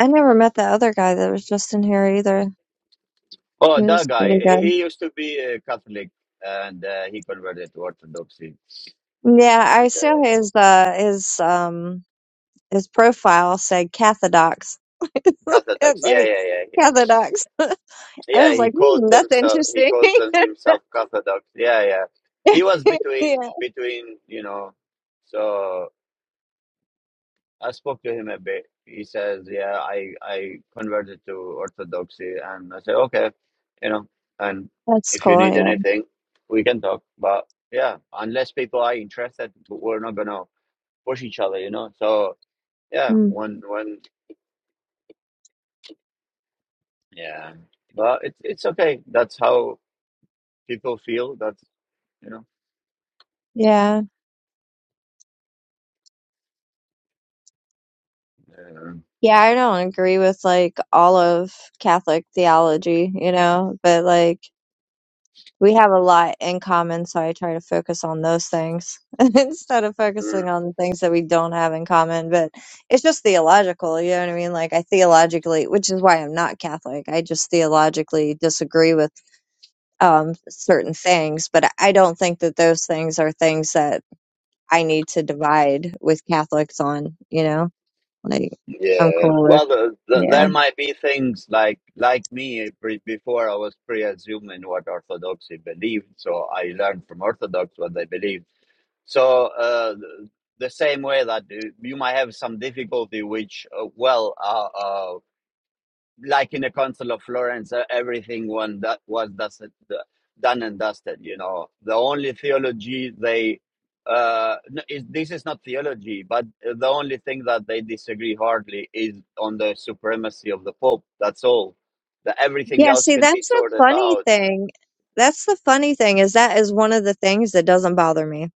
I never met the other guy that was just in here either. He
Oh,
was
that guy,
pretty
he
good.
he used to be a Catholic and uh, he converted to Orthodoxy
Yeah,
and
I
uh,
saw his uh his um his profile said Cathodox. *laughs*
Cathodox.
It's
Yeah,
like
yeah, yeah. He-
Cathodox. *laughs* I
Yeah,
was
he
like,
called
hmm, that's
themself. He
interesting. *laughs*
calls them himself Cathodox. Yeah, yeah. He was between
Yeah.
between, you know, so. I spoke to him a bit. He says, "Yeah, I I converted to Orthodoxy," and I said, "Okay, you know, and
That's
if you
cool,
need
yeah.
anything, we can talk." But yeah, unless people are interested, we're not gonna push each other, you know. So yeah,
Hmm.
when when yeah, but it's it's okay. That's how people feel. That's you know.
Yeah. Yeah, I don't agree with like all of Catholic theology, you know, but like we have a lot in common, so I try to focus on those things *laughs* instead of
Yeah.
focusing on the things that we don't have in common. But it's just theological, you know what I mean? Like I theologically, which is why I'm not Catholic. I just theologically disagree with um, certain things, but I I don't think that those things are things that I need to divide with Catholics on. You know, like I'm
Yeah,
cool with,
well, the, the,
yeah,
there might be things like like me eh, pre- before I was pre-assuming what Orthodoxy believed, so I learned from Orthodox what they believed. So uh, th- the same way that you you might have some difficulty, which uh, well, uh, uh, like in the Council of Florence, uh, everything one that was dusted, d- done and dusted. You know, the only theology they uh, no, is this is not theology, but uh, the only thing that they disagree hardly is on the supremacy of the Pope. That's all. That everything
yeah.
else
See,
can be
that's the
sorted
funny
out
thing. That's the funny thing is that is one of the things that doesn't bother me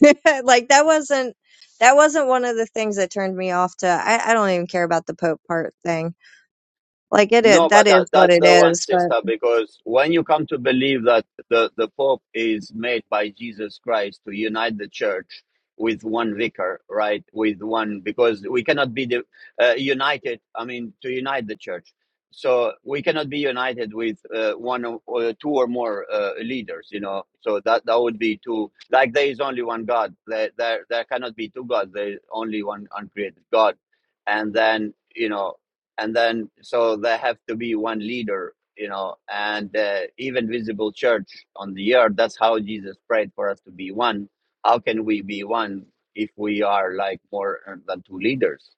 *laughs* like that wasn't that wasn't one of the things that turned me off to I, I don't even care about the Pope part thing. Like it is
No, but
that is
that
what
that's
it
the one,
is, but
sister, because when you come to believe that the, the Pope is made by Jesus Christ to unite the church with one vicar, right? With one, because we cannot be the, uh, united, I mean, to unite the church. So we cannot be united with uh, one or or two or more uh, leaders, you know. So that that would be too like there is only one God. There there there cannot be two gods. There is only one uncreated God, and then you know and then so there have to be one leader you know and uh, even visible church on the earth that's how jesus prayed for us to be one how can we be one if we are like more uh, than two leaders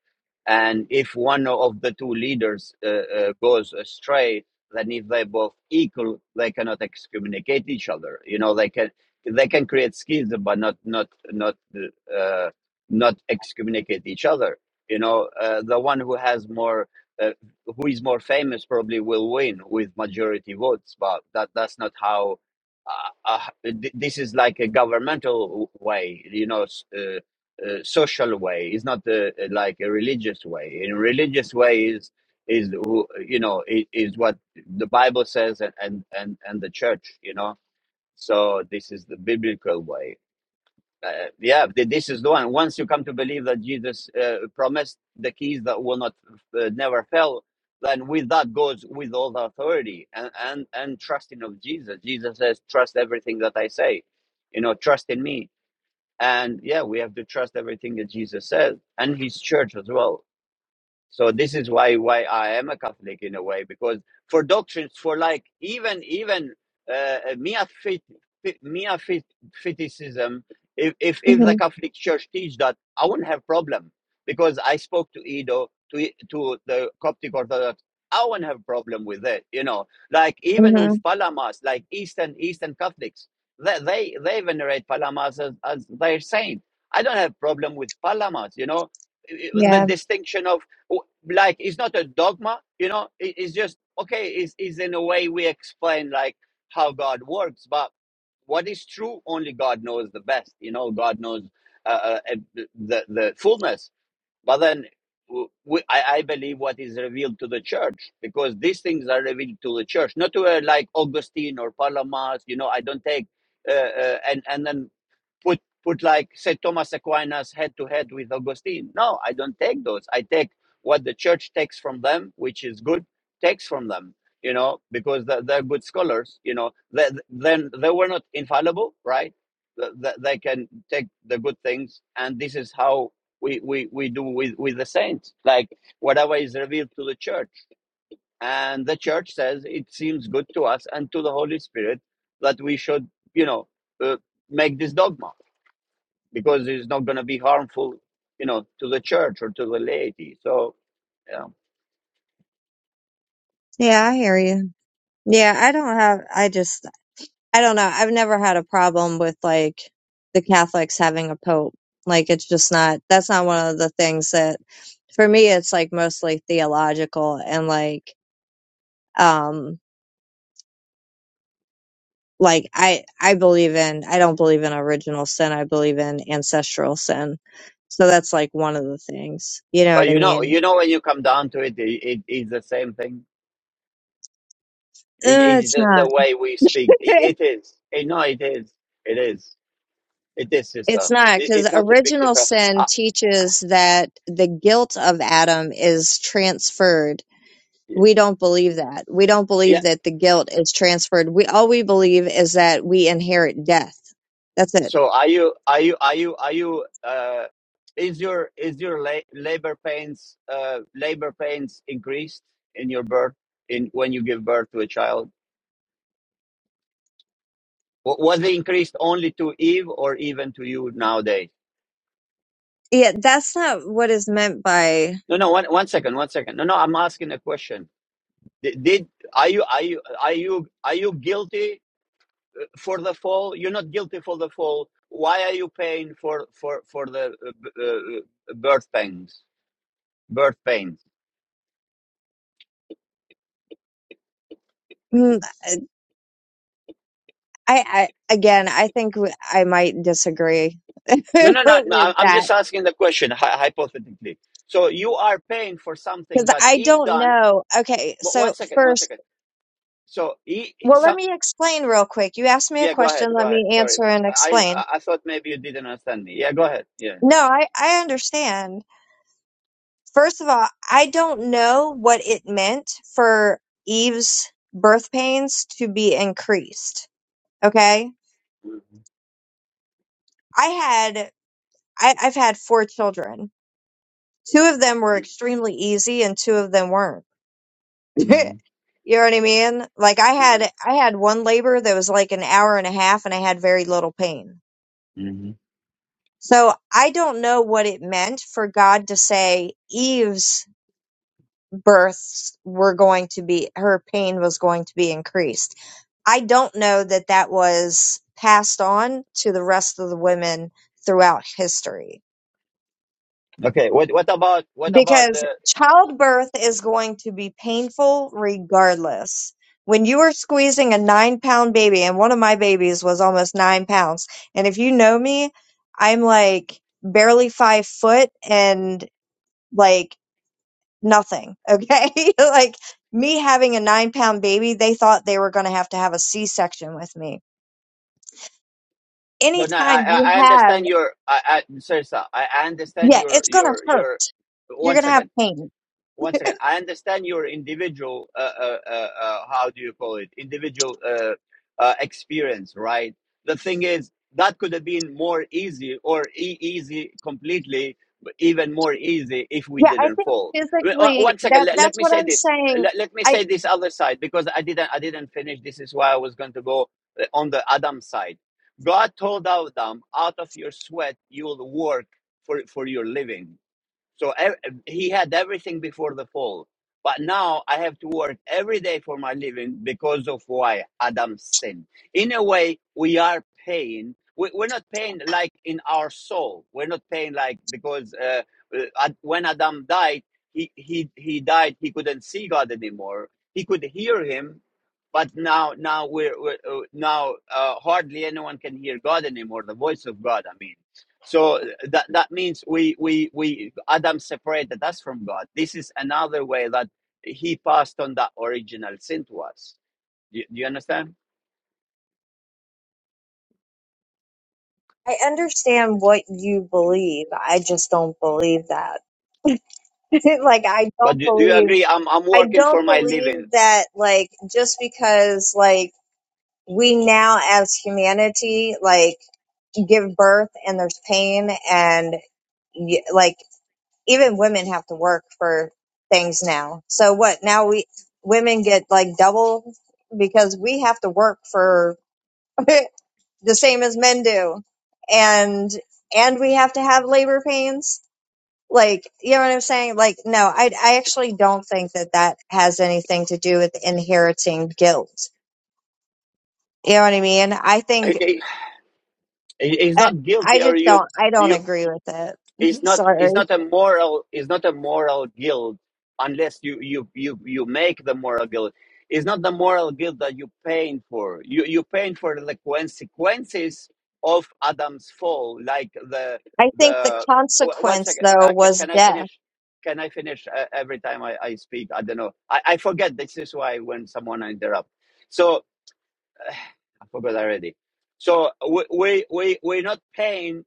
and if one of the two leaders uh, uh, goes astray then if they both equal they cannot excommunicate each other you know they can they can create schism but not not not uh, not excommunicate each other you know uh, the one who has more uh, who is more famous probably will win with majority votes but that that's not how uh, uh, th- this is like a governmental way you know s- uh, uh, social way it's not uh, like a religious way in religious way is is who- you know i- is what the bible says and and and, and the church you know so this is the biblical way uh, yeah this is the one once you come to believe that jesus uh, promised the keys that will not uh, never fail then with that goes with all the authority and, and and trusting of jesus jesus says trust everything that i say you know trust in me and yeah we have to trust everything that jesus says and his church as well so this is why why I am a Catholic in a way because for doctrines for like even even uh, mere fit, fit mere fit, feticism if, if if
hmm
the Catholic Church teach that I wouldn't have problem because I spoke to Edo to to the Coptic Orthodox I wouldn't have problem with it you know like even
hmm
with Palamas like Eastern Eastern Catholics they they, they venerate Palamas as, as their saint I don't have problem with Palamas you know the
yeah.
distinction of like it's not a dogma you know it, it's just okay it's, it's in a way we explain like how god works but what is true only god knows the best you know god knows uh, uh, uh, the, the the fullness but then w- we, I, I believe what is revealed to the church because these things are revealed to the church not to uh, like augustine or palamas you know i don't take uh, uh, and and then put put like say Thomas Aquinas head to head with Augustine. No, I don't take those. I take what the church takes from them, which is good, takes from them. You know, because they're, they're good scholars. You know, they, then they were not infallible, right? Th- th- They can take the good things, and this is how we we we do with with the saints. Like whatever is revealed to the church, and the church says it seems good to us and to the Holy Spirit that we should, you know, uh, make this dogma because it's not going to be harmful, you know, to the church or to the laity. So, yeah.
Yeah, I hear you. Yeah, I don't have I just I don't know. I've never had a problem with like the Catholics having a pope. Like it's just not that's not one of the things that for me it's like mostly theological and like um like i i believe in i don't believe in original sin i believe in ancestral sin so that's like one of the things you know
But
what i
you know,
mean
you know, when you come down to it, it, it it's the same thing. It,
uh,
it's
it's
just the
not
way we speak.
*laughs*
It, it is. Eh, no, it is. It is. It is, sister.
it's not
It,
because
it's not a big
original
difference.
sin
Uh,
teaches that the guilt of adam is transferred we don't believe that we don't
yeah.
believe that the guilt is transferred we all we believe is that we inherit death that's it
So, are you? Are you? Are you? Are you? Uh, is your is your la- labor pains uh labor pains increased in your birth in when you give birth to a child? Was it increased only to Eve or even to you nowadays?
yeah that's not what is meant by
No, no, one, one second, one second. No, no, I'm asking a question. Did, did are you are you are you are you guilty for the fall? You're not guilty for the fall. Why are you paying for for for the uh, uh, uh, birth pains? Birth pains.
hmm, I, I again, I think w- I might disagree *laughs*
No, no, no, no.
with
I- am
that
just asking the question hy- hypothetically. So you are paying for
because
something that
I
Eve
don't
done.
know. Okay,
One
so
second, one
first,
second. So he,
well,
some.
let me explain real quick. You asked me a
Yeah, go ahead.
question,
Go
let
ahead.
me
Sorry.
answer and
I,
explain.
I I thought maybe you didn't understand me. Yeah, go ahead. Yeah.
No, I, I understand. First of all, I don't know what it meant for Eve's birth pains to be increased. Okay,
hmm
I had I, I've had four children. Two of them were extremely easy, and two of them weren't *laughs*
hmm
You know what I mean? Like I had I had one labor that was like an hour and a half and I had very little pain.
hmm
So I don't know what it meant for God to say Eve's births were going to be her pain was going to be increased. I don't know that that was passed on to the rest of the women throughout history.
Okay. What what about what about
because
the
childbirth is going to be painful regardless. When you are squeezing a nine pound baby, and one of my babies was almost nine pounds, and if you know me, I'm like barely five foot and like nothing. Okay. *laughs* like me having a nine pound baby, they thought they were going to have to have a C section with me.
so now I
Anytime
I
you
I
have,
understand your I, I sorry sir, I I understand
yeah,
your
it's going to
your
hurt.
your
You're
one
going to have
second.
pain.
once again, I understand your individual, uh, uh, uh, uh, how do you call it, individual uh, uh, experience, right? The thing is, that could have been more easy or e- easy completely, but even more easy if we
Yeah. I
didn't
think
fall.
physically
One second,
that
let, let
that's
me
what
say
I'm
this.
saying.
Let, let me say this other side because I didn't, I didn't finish. This is why I was going to go uh, on the Adam side. God told Adam, out of your sweat, you will work for, for your living so ev- he had everything before the fall. But now I have to work every day for my living because of why Adam sinned. In a way, we are paying. We, we're not paying like in our soul. We're not paying like because uh, uh, Ad- when Adam died, he, he, he died. He couldn't see God anymore. He could hear him, but now now we're, we're uh, now uh, hardly anyone can hear God anymore. The voice of God, I mean so that that means we we we Adam separated us from God. This is another way that he passed on that original sin to us. Do, you, do you understand?
I understand what you believe. I just don't believe that. *laughs* like I
But
don't
do, do you
believe
agree? I'm I'm
I
working for
don't
my living.
believe that like just because like we now as humanity like give birth and there's pain and y- like even women have to work for things now. So what? Now we women get like double because we have to work for *laughs* the same as men do and and we have to have labor pains like you know what i'm saying like no i i actually don't think that that has anything to do with inheriting guilt you know what i mean i
*laughs*
think
He- He's
i,
not
I
guilty, or
just
you.
don't i don't
you
agree with
it's
it *laughs*
not it's
sorry
not a moral it's not a moral guilt unless you you you you make the moral guilt it's not the moral guilt that you're paying for you you're paying for the consequences of adam's fall like the
i think the
the wh- one
consequence
second
though
uh, can,
was
can i
death
finish can i finish uh, every time I, I speak i don't know I, I forget this is why when someone interrupt so *sighs* i forgot already so we we, we we're not paying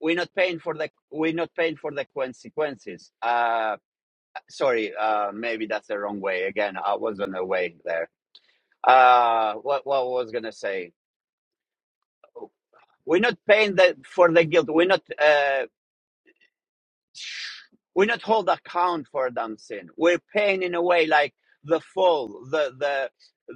we're not paying for the we're not paying for the consequences. Uh, sorry, uh, maybe that's the wrong way. Again, I was on the way there. Uh, what what was gonna say? We're not paying the, for the guilt. We're not. uh, We're not hold account for them sin. We're paying in a way like the fall, the the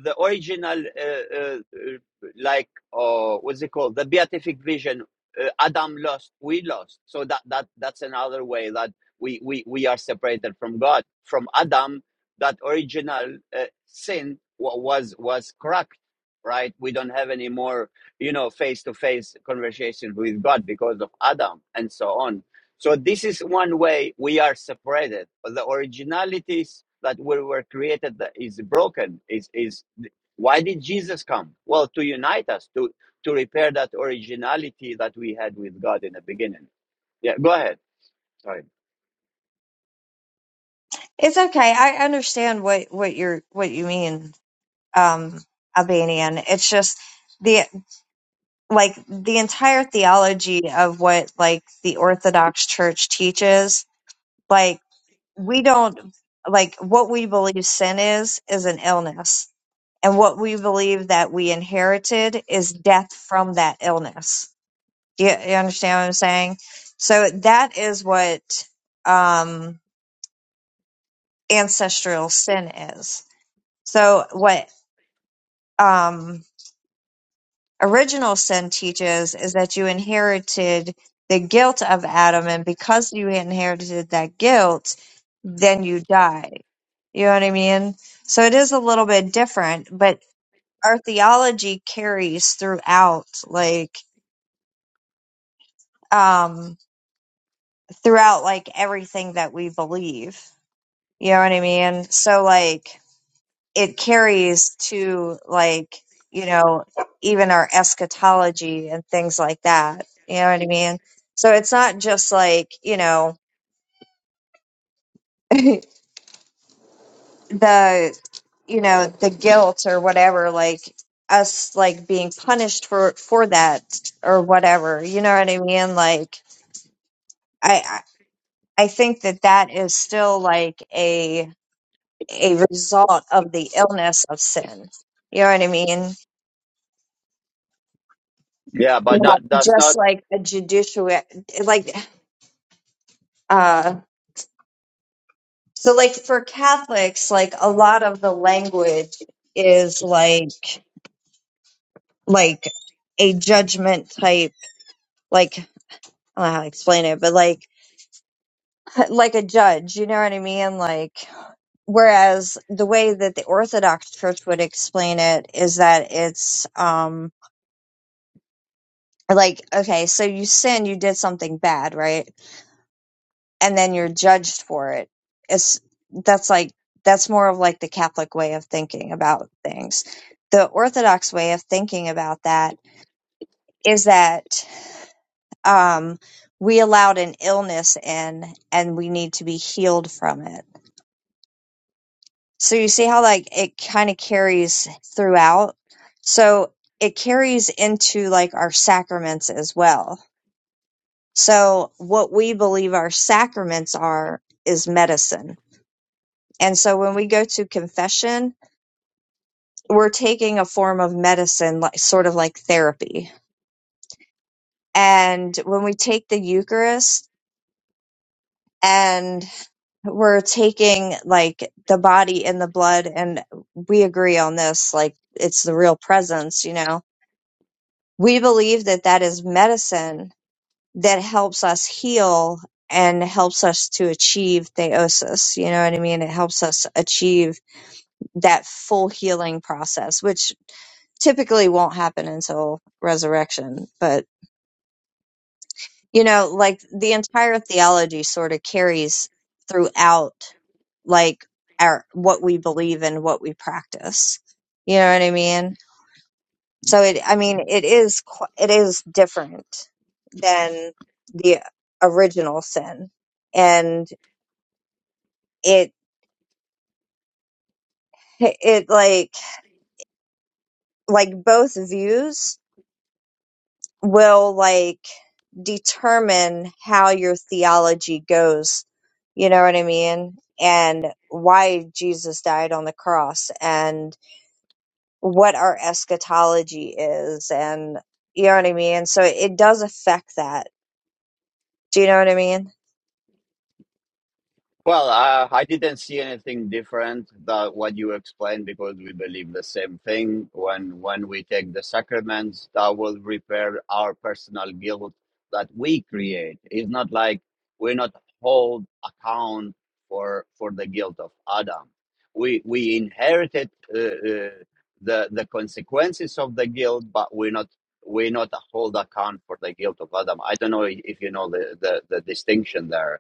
the original, uh, uh, uh, like oh, what's it called? The beatific vision. Uh, Adam lost. We lost. So that that that's another way that we we we are separated from God. From Adam, that original uh, sin was was cracked, Right, we don't have any more, you know, face to face conversation with God because of Adam and so on so this is one way we are separated. the originalities that we were created that is broken. Is is why did Jesus come? Well, to unite us, to to repair that originality that we had with God in the beginning. Yeah, go ahead. Sorry.
it's okay i understand what what you're what you mean um albanian it's just the like the entire theology of what like the Orthodox Church teaches, like we don't like what we believe sin is is an illness. And what we believe that we inherited is death from that illness. Do you, you understand what I'm saying? So that is what um ancestral sin is. So what um Original sin teaches is that you inherited the guilt of Adam, and because you inherited that guilt, then you die. You know what I mean? So it is a little bit different, but our theology carries throughout, like, um, throughout, like, everything that we believe. You know what I mean? So, like, it carries to like you know even our eschatology and things like that you know what i mean so it's not just like you know the you know the guilt or whatever like us like being punished for for that or whatever you know what i mean like i i I think that that is still like a a result of the illness of sin you know what i mean
Yeah, but
Not
not that's not
just like a judicial like Uh, so like for Catholics, like a lot of the language is like like a judgment type, like I don't know how to explain it, but like like a judge, you know what I mean? Like whereas the way that the Orthodox Church would explain it is that it's um like okay, so you sin, you did something bad, right? and then you're judged for it. It's that's like that's more of like the Catholic way of thinking about things. The Orthodox way of thinking about that is that um, we allowed an illness in, and we need to be healed from it. So you see how like it kind of carries throughout. So it carries into like our sacraments as well. So what we believe our sacraments are is medicine And so when we go to confession, we're taking a form of medicine, like sort of like therapy. And when we take the Eucharist and we're taking like the body and the blood, and we agree on this, like it's the real presence, you know, we believe that that is medicine that helps us heal and helps us to achieve theosis. You know what I mean? It helps us achieve that full healing process, which typically won't happen until resurrection. But, you know, like the entire theology sort of carries throughout like our what we believe and what we practice. You know what I mean? So it I mean it is qu- it is different than the original sin. And it it like like both views will like determine how your theology goes. You know what I mean? And why Jesus died on the cross and what our eschatology is. And you know what I mean? So it does affect that. Do you know what I mean?
Well, uh, I didn't see anything different than what you explained because we believe the same thing. When when we take the sacraments, that will repair our personal guilt that we create. It's not like we're not hold account for for the guilt of Adam. We we inherited uh, uh, the the consequences of the guilt, but we're not we're not hold account for the guilt of Adam. I don't know if you know the the, the distinction there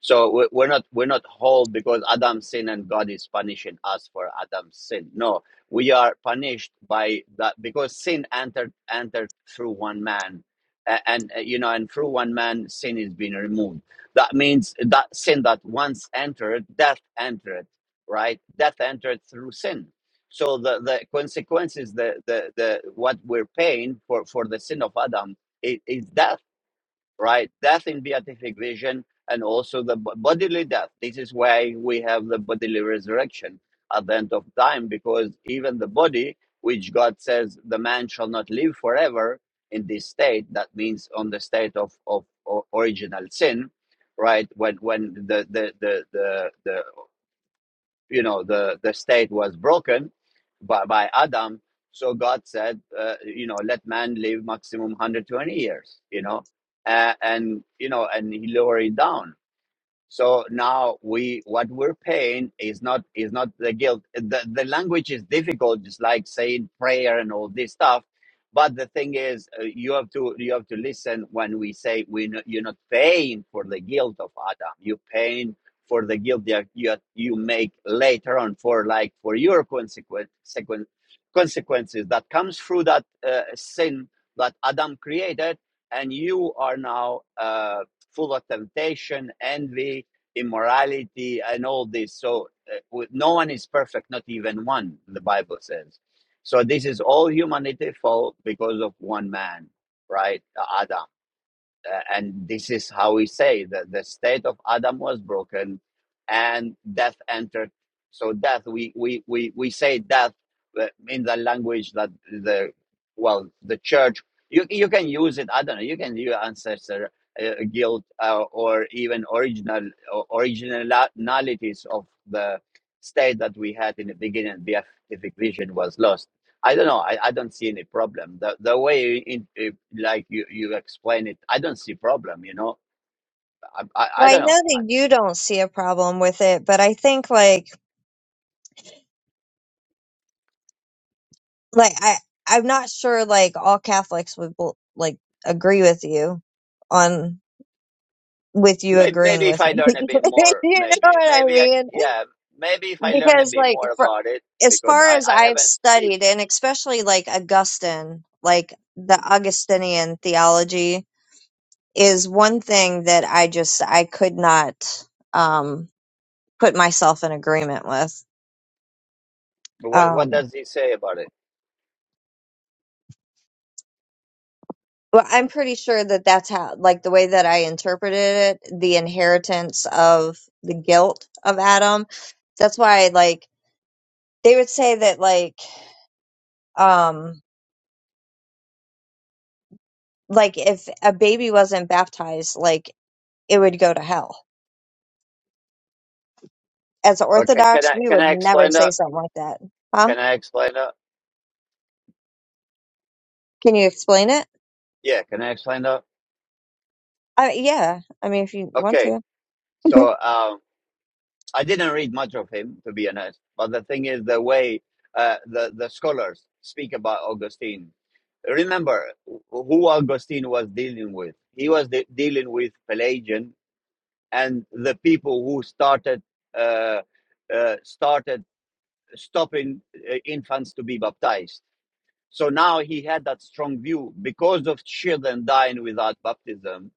so we- we're not we're not whole because Adam sinned and God is punishing us for Adam's sin. No, we are punished by that because sin entered entered through one man, A- and uh, you know, and through one man sin is being removed. That means that sin that once entered, death entered, right? Death entered through sin. So the the consequences, the the the what we're paying for for the sin of Adam is, is death right? Death in beatific vision and also the bo- bodily death. This is why we have the bodily resurrection at the end of time, because even the body, which God says the man shall not live forever in this state, that means on the state of, of, o- original sin, right? When when the the the the, the you know the the state was broken by, by adam so god said uh, you know let man live maximum 120 years you know uh, and you know and he lowered it down so now we what we're paying is not is not the guilt. The the language is difficult, just like saying prayer and all this stuff. But the thing is, uh, you have to you have to listen when we say we no, you're not paying for the guilt of Adam. You're paying for the guilt that you you make later on for like for your consequence sequen- consequences that comes through that uh, sin that Adam created, and you are now. Uh, full of temptation, envy, immorality, and all this. So uh, no one is perfect, not even one, the Bible says. So this is all humanity fault because of one man, right? Adam uh, and this is how we say that the state of adam was broken and death entered so death we we we, we say death uh, in the language that the well the church you, you can use it i don't know you can use ancestor uh, guilt uh, or even original or originalities of the state that we had in the beginning the beatific vision was lost I don't know. I, I don't see any problem. The the way in, it- like you you explain it, I don't see problem. You know, I I, I
Well, I
don't
know
know. I,
that you don't see a problem with it, but I think like like I I'm not sure like all Catholics would bel- like agree with you on with you
Maybe,
agreeing
maybe if
with
I
me. *laughs*
learn
you
a bit more,
know
maybe
what I
maybe I,
mean?
yeah, maybe if I learn a
Because
bit
like
more
for
about it
as
because
far
I
as
I
I've
haven't. deep-
studied and especially like Augustine, like the Augustinian theology is one thing that I just I could not um put myself in agreement with.
What what
Um,
does he say about it?
Well, I'm pretty sure that that's how, like, the way that I interpreted it, the inheritance of the guilt of Adam. That's why, like, they would say that, like, um, like if a baby wasn't baptized, like, it would go to hell. As
Okay, can
Orthodox,
I
we
can
would
I
never
explain
say
that?
something like that. Huh?
Can I explain that?
Can you explain it?
Yeah, can I explain that?
Uh, yeah. I mean, if you want
Okay,
to. *laughs*
so um. I didn't read much of him, to be honest. But the thing is, the way uh, the the scholars speak about Augustine. Remember who Augustine was dealing with. He was de- dealing with Pelagian and the people who started uh, uh, started stopping uh, infants to be baptized so now he had that strong view because of children dying without baptism.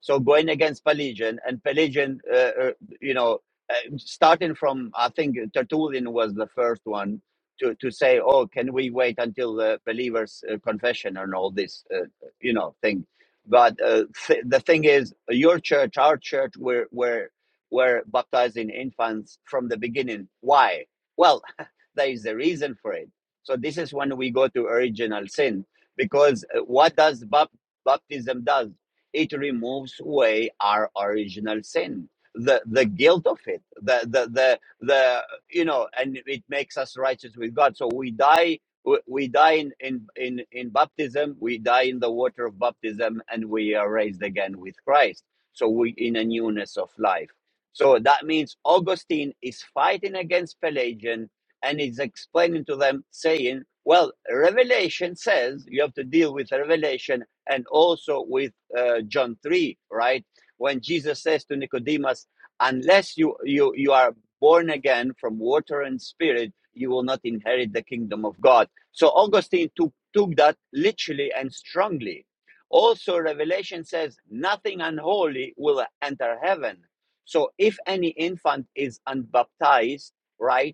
So going against Pelagian and Pelagian, uh, uh, you know, uh, starting from I think Tertullian was the first one to to say, oh, can we wait until the believers' uh, confession and all this, uh, you know, thing. But uh, th- the thing is, your church, our church, we're we're we're baptizing infants from the beginning. Why? Well, *laughs* there is a reason for it so this is when we go to original sin, because uh, what does bap- baptism does? It removes away our original sin, the the guilt of it, the the the the you know, and it makes us righteous with God. So we die. We we die in, in, in, in baptism, we die in the water of baptism, and we are raised again with Christ. So we in a newness of life. So that means Augustine is fighting against Pelagian and is explaining to them, saying, Well, Revelation says you have to deal with Revelation and also with uh, John 3, right? When Jesus says to Nicodemus, Unless you, you, you are born again from water and spirit, you will not inherit the kingdom of God. So Augustine took, took that literally and strongly. Also, Revelation says, Nothing unholy will enter heaven. So if any infant is unbaptized, right?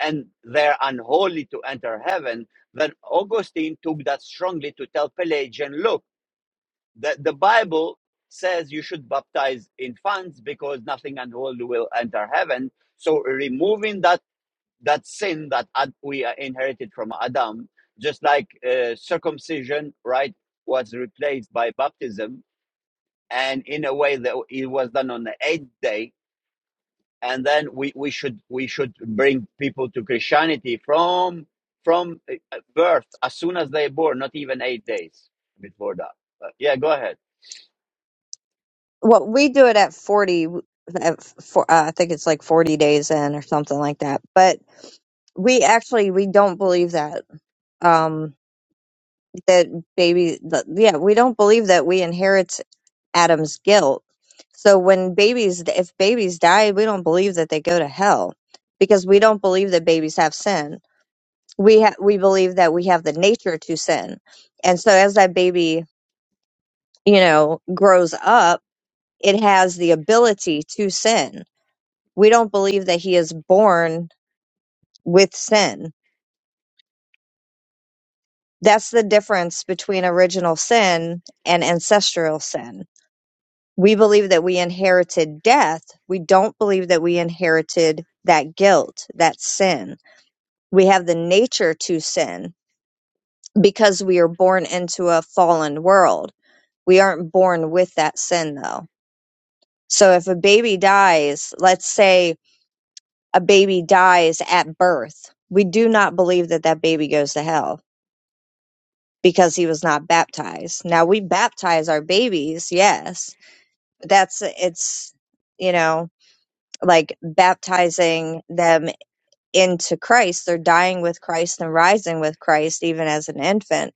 and they're unholy to enter heaven, then Augustine took that strongly to tell Pelagian, look, the, the Bible says you should baptize infants because nothing unholy will enter heaven. So removing that that sin that Ad, we uh, inherited from Adam, just like uh, circumcision, right, was replaced by baptism, and in a way that it was done on the eighth day, and then we, we should we should bring people to Christianity from from uh, birth as soon as they're born, not even eight days before that. But yeah, go ahead.
Well, we do it at 40, at four, uh, I think it's like 40 days in or something like that. But we actually, we don't believe that, um, that baby, that, yeah, we don't believe that we inherit Adam's guilt. So when babies, if babies die, we don't believe that they go to hell because we don't believe that babies have sin. We ha- we believe that we have the nature to sin. And so as that baby, you know, grows up, it has the ability to sin we don't believe that he is born with sin. That's the difference between original sin and ancestral sin. We believe that we inherited death. We don't believe that we inherited that guilt, that sin. We have the nature to sin because we are born into a fallen world. We aren't born with that sin though. So if a baby dies, let's say a baby dies at birth, we do not believe that that baby goes to hell because he was not baptized. Now we baptize our babies, yes. But that's it's you know, like baptizing them into Christ. They're dying with Christ and rising with Christ even as an infant.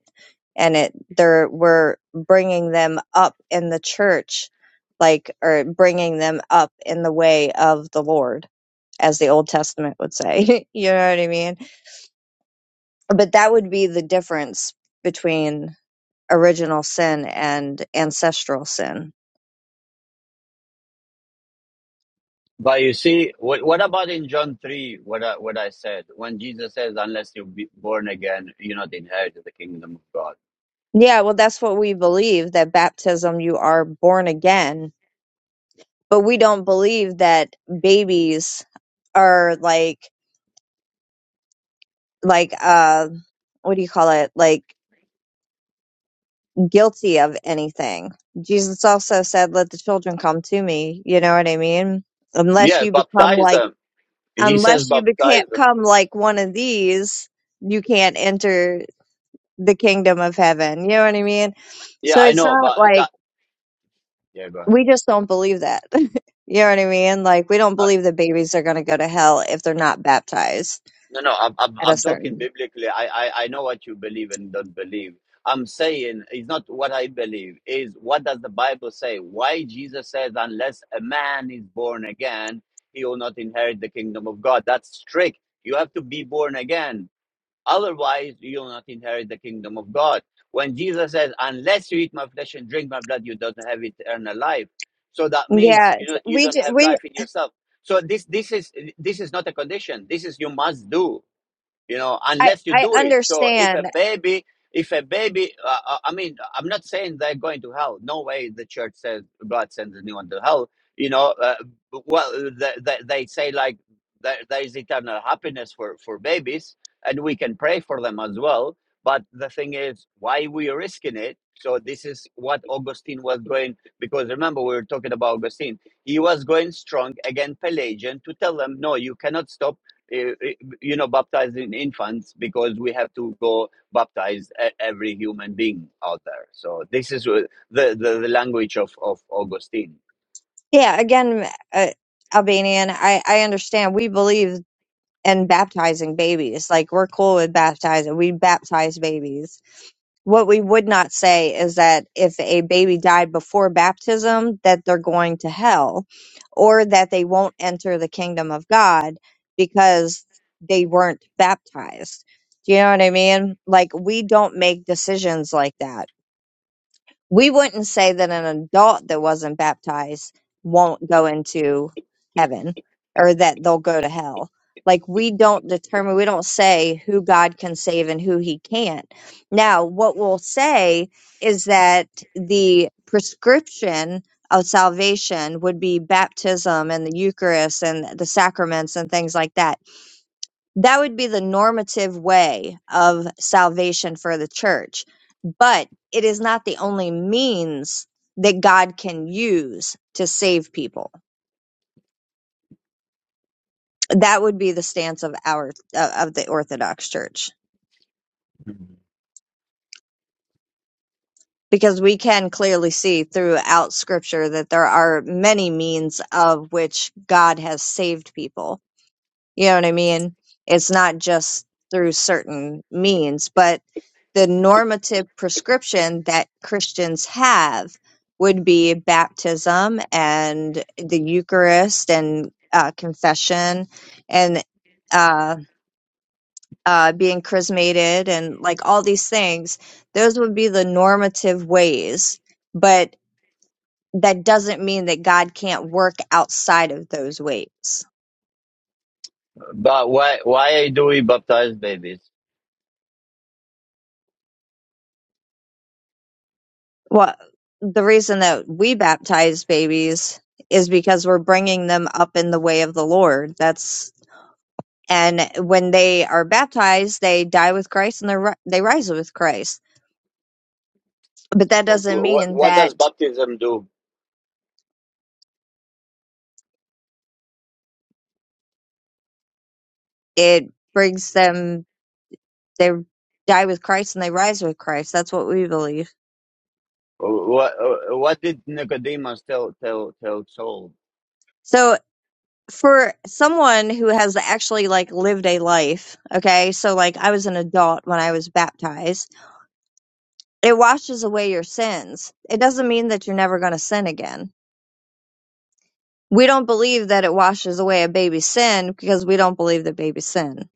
And it they're we're bringing them up in the church like or bringing them up in the way of the Lord as the Old Testament would say. *laughs* you know what I mean? But that would be the difference between original sin and ancestral sin.
But you see, what, what about in John three? What I, what I said when Jesus says, "Unless you be born again, you're not inherit the kingdom of God."
Yeah, well, that's what we believe that baptism, you are born again, but we don't believe that babies are like, like, uh, what do you call it? Like guilty of anything. Jesus also said, let the children come to me. You know what I mean? Unless
Yeah,
you become
baptize
like,
them. He says,
unless you
baptize them.
become like one of these, you can't enter the kingdom of heaven. You know what I mean?
Yeah,
So
I
it's
know,
not
but
like,
that. Yeah, go ahead.
we just don't believe that. *laughs* you know what I mean? Like we don't believe that babies are going to go to hell if they're not baptized
No, no, I'm, I'm,
at a
I'm talking
certain.
biblically. I, I, I know what you believe and don't believe. I'm saying it's not what I believe, is what does the Bible say? Why Jesus says, unless a man is born again, he will not inherit the kingdom of God. That's strict. You have to be born again. Otherwise, you will not inherit the kingdom of God. When Jesus says, unless you eat my flesh and drink my blood, you don't have eternal life. So that
Yeah,
means you know,
it's-
you
we
don't
ju-
have
we
life in yourself. So this this is this is not a condition. This is you must do you know
I
unless you
I
do it so if a
understand.
baby if a baby uh, uh, i mean i'm not saying they're going to hell no way the church says god sends anyone to hell you know uh, well they, they, they say like there, there is eternal happiness for for babies and we can pray for them as well but the thing is why we risking it so this is what augustine was going because remember we were talking about augustine he was going strong against pelagian to tell them no you cannot stop uh, uh, you know, baptizing infants because we have to go baptize e- every human being out there. So this is the, the, the language of, of Augustine.
Yeah, again, uh, Albanian. I I understand. We believe. and baptizing babies. Like we're cool with baptizing. We baptize babies. What we would not say is that if a baby died before baptism, that they're going to hell or that they won't enter the kingdom of God because they weren't baptized. Do you know what I mean? Like we don't make decisions like that we wouldn't say that an adult that wasn't baptized won't go into heaven or that they'll go to hell. Like we don't determine, we don't say who God can save and who he can't. Now, what we'll say is that the prescription of salvation would be baptism and the Eucharist and the sacraments and things like that. That would be the normative way of salvation for the church but it is not the only means that God can use to save people. That would be the stance of our uh, of the Orthodox Church
Mm-hmm.
because we can clearly see throughout scripture that there are many means of which God has saved people You know what I mean? It's not just through certain means, but the normative prescription that Christians have would be baptism and the Eucharist and uh, confession and uh, uh, being chrismated and like all these things. Those would be the normative ways, but that doesn't mean that God can't work outside of those ways.
But why why do we baptize babies?
Well, the reason that we baptize babies is because we're bringing them up in the way of the Lord. That's and when they are baptized, they die with Christ and they ri- they rise with Christ. But that doesn't
What
mean
what
that
does baptism do?
it brings them they die with Christ and they rise with Christ. That's what we believe.
What what did Nicodemus tell tell tell Saul?
So for someone who has actually like lived a life, okay? So like I was an adult when I was baptized it washes away your sins. It doesn't mean that you're never going to sin again. We don't believe that it washes away a baby's sin because we don't believe that babies sin.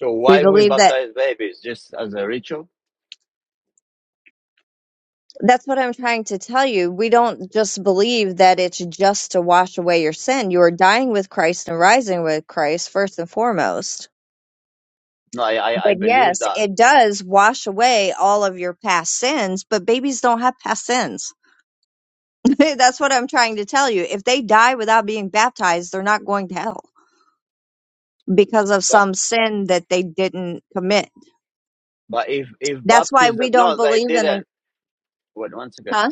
So
We
why we
believe that
baptize babies just as a ritual?
that's what I'm trying to tell you. We don't just believe that it's just to wash away your sin. You are dying with Christ and rising with Christ first and foremost.
No, I I, I
But
believe
yes,
that.
it does wash away all of your past sins, but babies don't have past sins. *laughs* that's what I'm trying to tell you. If they die without being baptized, they're not going to hell because of
But
some sin that they didn't commit.
but if if
That's why
baptism
we don't
no, they
believe in it.
didn't. Wait one second
Huh?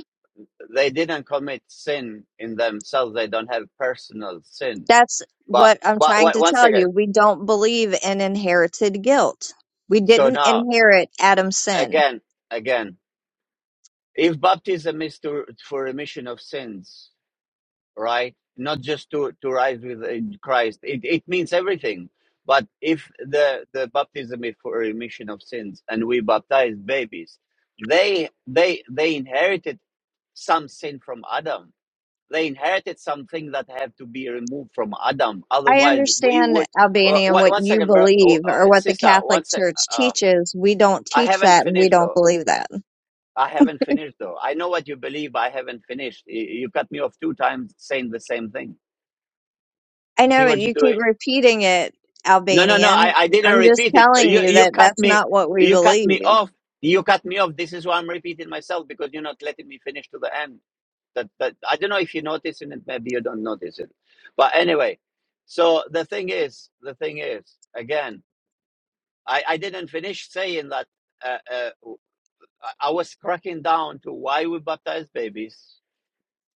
they didn't commit sin in themselves. They don't have personal sin.
That's
But
what I'm
but
trying
one,
to
one
tell
second.
you. We don't believe in inherited guilt. We
So
didn't
now
inherit Adam's sin.
again again, if baptism is to for remission of sins, right? Not just to to rise with uh, Christ. It it means everything. But if the the baptism is for remission of sins, and we baptize babies, they they they inherited some sin from Adam They inherited something that have to be removed from Adam.
I
Otherwise, we
understand,
would. Uh,
Albania, and
one,
what
one
you
second, bro, oh,
believe
oh,
or what the
sister.
Catholic
One sec.
Church
Uh,
teaches. We don't
I
teach
haven't
that and we
finished
don't
though.
believe that.
I haven't finished though. I know what you believe. I haven't finished. You, you cut me off two times saying the same thing.
I know
See what you're
you keep
doing?
repeating it,
No, no, no.
Albanian.
I, I didn't
I'm just
repeat it.
telling
You
you
you
that
cut
that's
me.
not what we
You cut me
believe.
off. You cut me off. This is why I'm repeating myself because you're not letting me finish to the end. That that I don't know if you're noticing it. Maybe you don't notice it. But anyway, so the thing is, the thing is, again, I I didn't finish saying that. Uh, uh, I was cracking down to why we baptize babies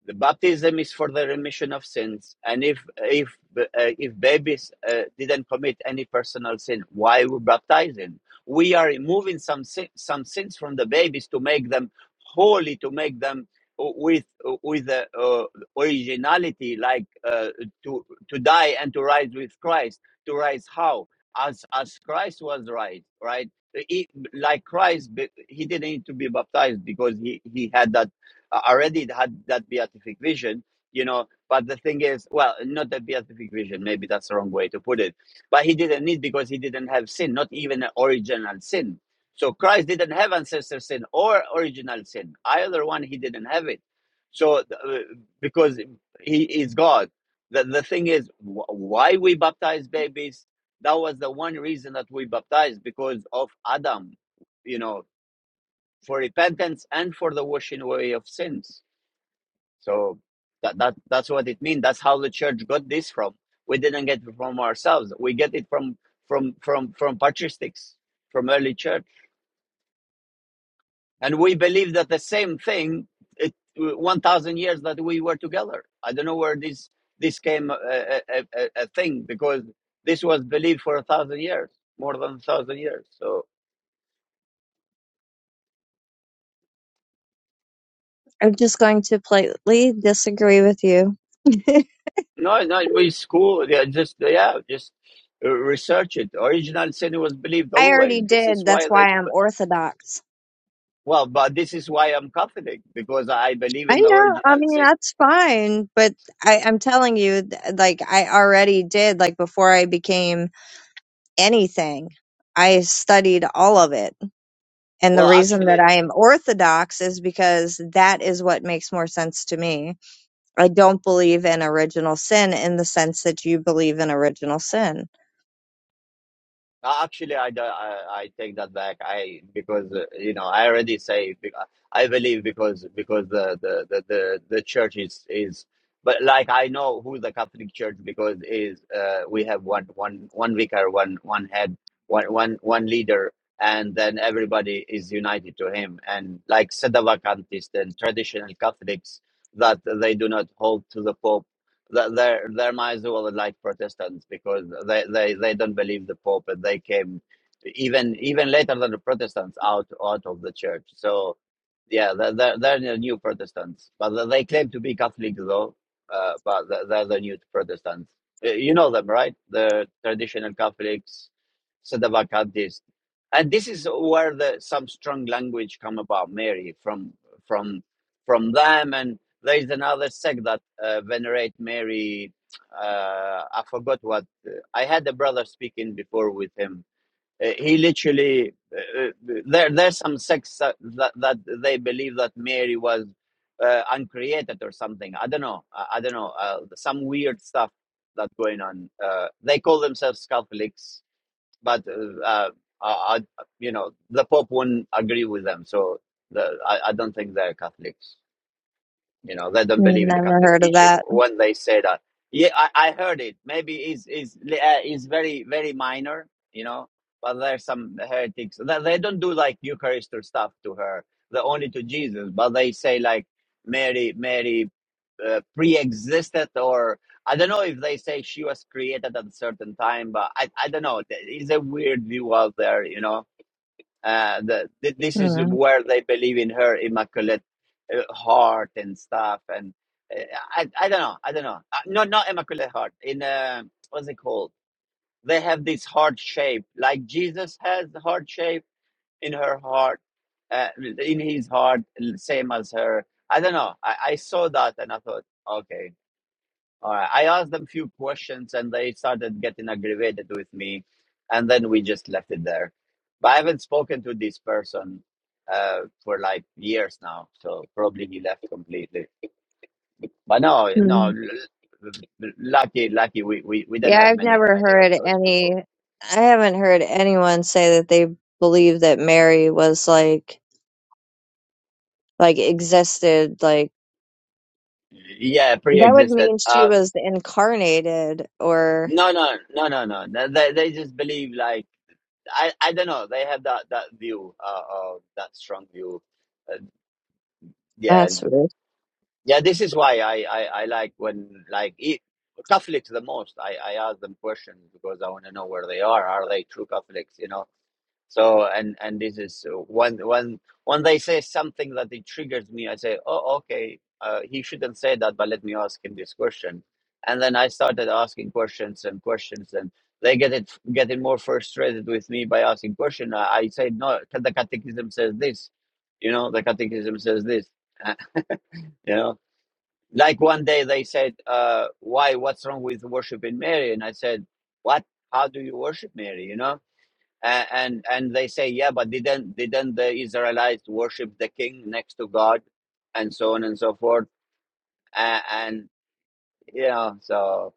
the baptism is for the remission of sins. And if if uh, if babies uh, didn't commit any personal sin, why we baptize them? We are removing some sin, some sins from the babies to make them holy, to make them with with uh, uh, originality, like uh, to to die and to rise with Christ. To rise how? As as Christ was raised, right? He, like Christ, he didn't need to be baptized because he he had that uh, already it had that beatific vision, you know. But the thing is, well, not that beatific vision, maybe that's the wrong way to put it. But he didn't need because he didn't have sin, not even an original sin. So Christ didn't have ancestor sin or original sin. Either one, he didn't have it. So uh, because he is God. The, the thing is, wh- why we baptize babies? That was the one reason that we baptized because of Adam, you know, for repentance and for the washing away of sins so that, that that's what it means. That's how the church got this from. We didn't get it from ourselves. We get it from from from from patristics, from early church, and we believe that the same thing. It one thousand years that we were together. I don't know where this this came a, a, a, a thing because this was believed for a thousand years, more than a thousand years. So
I'm just going to politely disagree with you. *laughs*
no, no, it's cool. Yeah, just yeah, just uh, research it. Original sin was believed
I already
always. This is
did. That's
why they
why I'm Orthodox.
Well, but this is why I'm Catholic because I believe
I
in the
know. I
original
mean,
sin.
that's fine. But I, I'm telling you, th- like, I already did, like, before I became anything, I studied all of it. And the
Well,
reason that
actually,
I am Orthodox is because that is what makes more sense to me. I don't believe in original sin in the sense that you believe in original sin.
uh, actually, I, I, I take that back. I because uh, you know I already say be- I believe because because the the the the, the church is is. But like I know who the Catholic Church because is uh, we have one one one vicar, one one head, one one one leader, and then everybody is united to him. And like Sedavacantists and traditional Catholics, that they do not hold to the Pope Th- They're they're Maisel like Protestants because they, they, they don't believe the Pope and they came even even later than the Protestants out out of the church. So yeah, they're they're, they're the new Protestants, but they they claim to be Catholic though. Uh, but they're they're the new Protestants. Uh, You know them, right? The traditional Catholics, sedevacantists, and this is where the some strong language come about Mary from from from them and there is another sect that uh, venerate Mary. Uh, I forgot what. I had a brother speaking before with him. Uh, he literally uh, uh, there. There's some sects that, that that they believe that Mary was uh, uncreated or something. I don't know. I, I don't know. Uh, some weird stuff that's going on. Uh, they call themselves Catholics, but uh, uh, I, I, you know the Pope wouldn't agree with them. So the, I, I don't think they're Catholics. You know, they don't believe in the
Never
Catholic
heard of
teaching
that.
when they say that. Yeah, I, I heard it. Maybe it's, is uh, it's very, very minor, you know, but there's some heretics. that they don't do like Eucharist or stuff to her. they only to Jesus, but they say like Mary, Mary uh, pre-existed or I don't know if they say she was created at a certain time, but I, I don't know. There is a weird view out there, you know uh, the, this is
Hmm.
where they believe in her immaculate uh, heart and stuff. And uh, I, I don't know. I don't know. Uh, no, not immaculate heart. In uh, what's it called? They have this heart shape, like Jesus has the heart shape in her heart, uh, in his heart, same as her. I don't know. I, I saw that and I thought, okay, all right. I asked them few questions and they started getting aggravated with me. And then we just left it there. But I haven't spoken to this person uh, for like years now. So probably he left completely. But no, no,
Hmm.
l- l- lucky, lucky we, we, we didn't
Yeah,
have
I've
many,
never
many of
heard
those
any,
people.
I haven't heard anyone say that they believe that Mary was like, like existed. Like,
Yeah, pre
that would
existed.
mean she
Uh,
was incarnated, or
no, no, no, no, no. They, they they just believe like, I, I don't know. They have that, that view, uh, uh, that strong view. Uh, yeah,
that's weird.
Yeah, this is why I, I, I like when like e Catholics the most. I, I ask them questions because I want to know where they are. Are they true Catholics? You know. So and and this is uh, when when when they say something that it triggers me. I say, oh okay, uh, he shouldn't say that, but let me ask him this question. And then I started asking questions and questions, and they get it getting more frustrated with me by asking question. I, I say no, the Catechism says this. You know, the Catechism says this. *laughs* you know like one day they said, uh, "Why? What's wrong with worshiping Mary?" And I said, "What? How do you worship Mary?" You know, and and, and they say, "Yeah, but didn't didn't the Israelites worship the king next to God, and so on and so forth?" And, and you know, so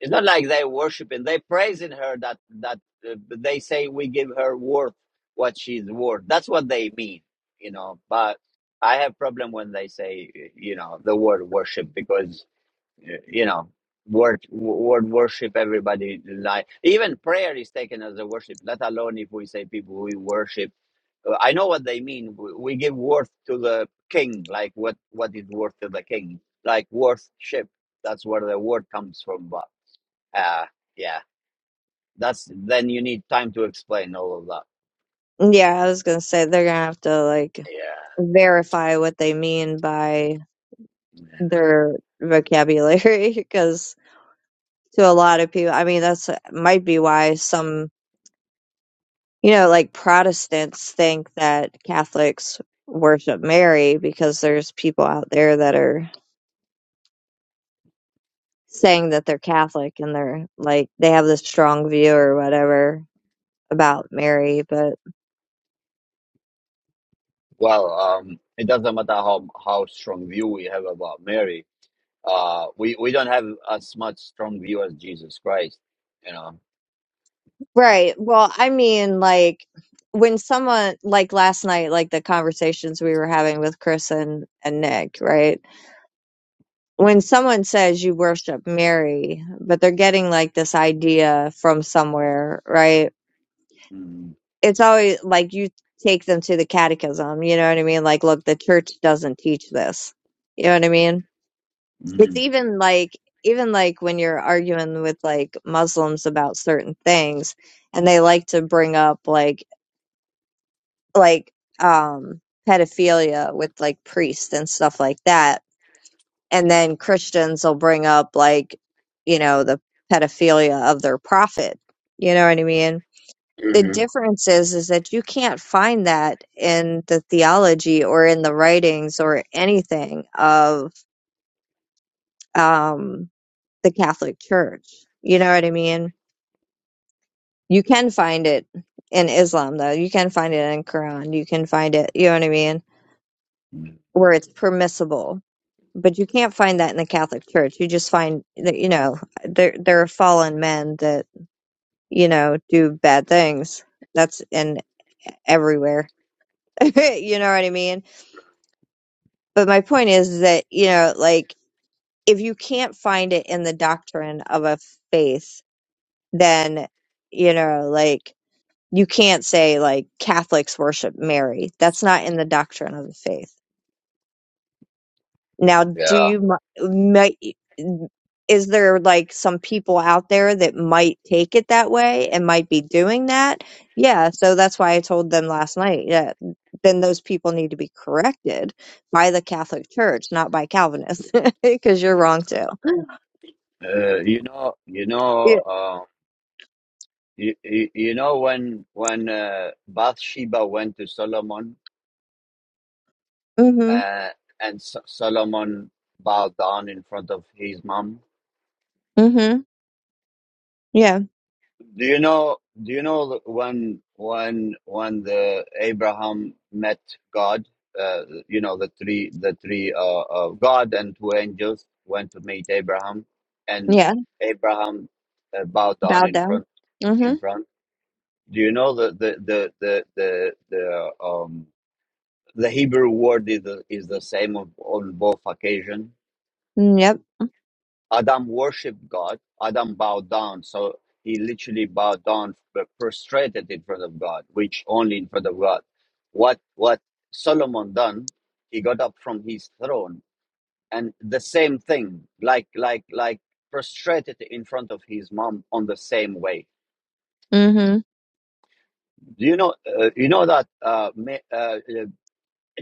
it's not like they worshiping; they praising her. That that uh, they say we give her worth what she's worth. That's what they mean, you know. But I have problem when they say, you know, the word worship because you know word word worship everybody like even prayer is taken as a worship let alone if we say people we worship Uh, i know what they mean we we give worth to the king like what what is worth to the king like worship that's where the word comes from but uh yeah that's then you need time to explain all of that
Yeah, I was gonna say they're gonna have to like
yeah,
verify what they mean by
yeah.
their vocabulary *laughs* because to a lot of people, I mean, that's might be why some. you know, like Protestants think that Catholics worship Mary because there's people out there that are saying that they're Catholic and they're like they have this strong view or whatever about Mary, but
well um it doesn't matter how how strong view we have about mary Uh, we we don't have as much strong view as Jesus Christ, you know.
right. Well, I mean, like when someone like last night, like the conversations we were having with Chris and, and Nick, right? When someone says you worship Mary, but they're getting like this idea from somewhere, right?
Mm,
it's always like you take them to the catechism, you know what I mean? Like, look, the church doesn't teach this. You know what I mean? It's
mm,
even like even like when you're arguing with like Muslims about certain things and they like to bring up like like um pedophilia with like priests and stuff like that. And then Christians will bring up like, you know, the pedophilia of their prophet. You know what I mean? the
mhm,
difference is is that you can't find that in the theology or in the writings or anything of um, the Catholic Church. You know what I mean? You can find it in Islam though. You can find it in Quran. You can find it. You know what I mean?
mm.
Where it's permissible, but you can't find that in the Catholic Church. You just find that you know there there are fallen men that you know do bad things. That's in everywhere. *laughs* you know what I mean? But my point is that, you know, like if you can't find it in the doctrine of a faith, then, you know, like you can't say like Catholics worship Mary. That's not in the doctrine of the faith. Now, do
Yeah,
you, mi- might, is there like some people out there that might take it that way and might be doing that? Yeah. So that's why I told them last night. Yeah. Then those people need to be corrected by the Catholic Church, not by Calvinists, *laughs* because you're wrong too.
uh, you know, you know,
Yeah.
uh, you, you, you know when when uh, Bathsheba went to Solomon,
hmm
uh, and S- Solomon bowed down in front of his mom.
hmm Yeah.
Do you know? Do you know when when when the Abraham met God? Uh, you know the three the three uh, uh, God and two angels went to meet Abraham, and
Yeah.
Abraham uh, bowed down
Bow
in
down.
front
Mm-hmm.
in front. Do you know the the the the the, the um the Hebrew word is the, is the same on, on both occasions?
Mm, Yep.
Adam worshiped God. Adam bowed down. So he literally bowed down, prostrated in front of God, which only in front of God. What what Solomon done? He got up from his throne, and the same thing, like like like prostrated in front of his mom on the same way.
hmm
Do you know? Uh, you know that uh, uh, uh,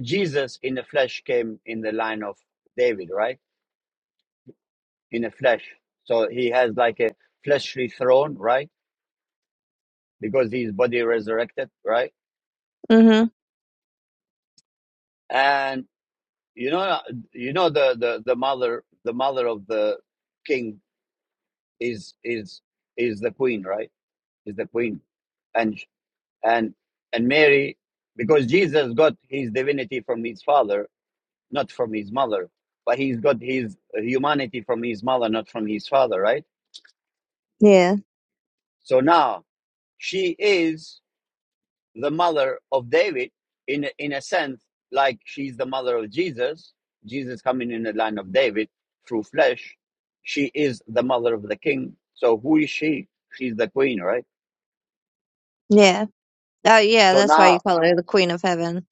Jesus in the flesh came in the line of David, right? In the flesh, so he has like a fleshly throne, right? because his body resurrected, right?
hmm
And you know, you know the the the mother, the mother of the king is is is the queen, right? Is the queen, and and and Mary, because Jesus got his divinity from his father, not from his mother, but he's got his humanity from his mother, not from his father, right?
Yeah.
So now she is. the mother of David in a- in a sense, like she's the mother of Jesus. Jesus coming in the line of David through flesh. She is the mother of the king. So who is she? She's the queen, right?
Yeah. Oh, yeah.
So
That's why
now
you call her the Queen of Heaven.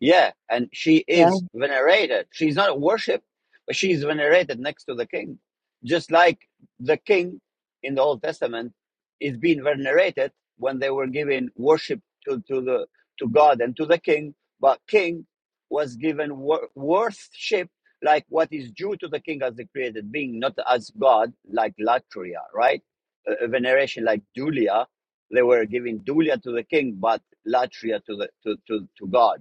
Yeah, and she
Yeah.
is venerated. She's not worshipped, but she's venerated next to the king. Just like the king in the Old Testament is being venerated when they were giving worship to, to the to God and to the king, but king was given wor- worship like what is due to the king as the created being, not as God, like Latria, right? A, a veneration like Dulia. They were giving Dulia to the king, but Latria to the to, to, to God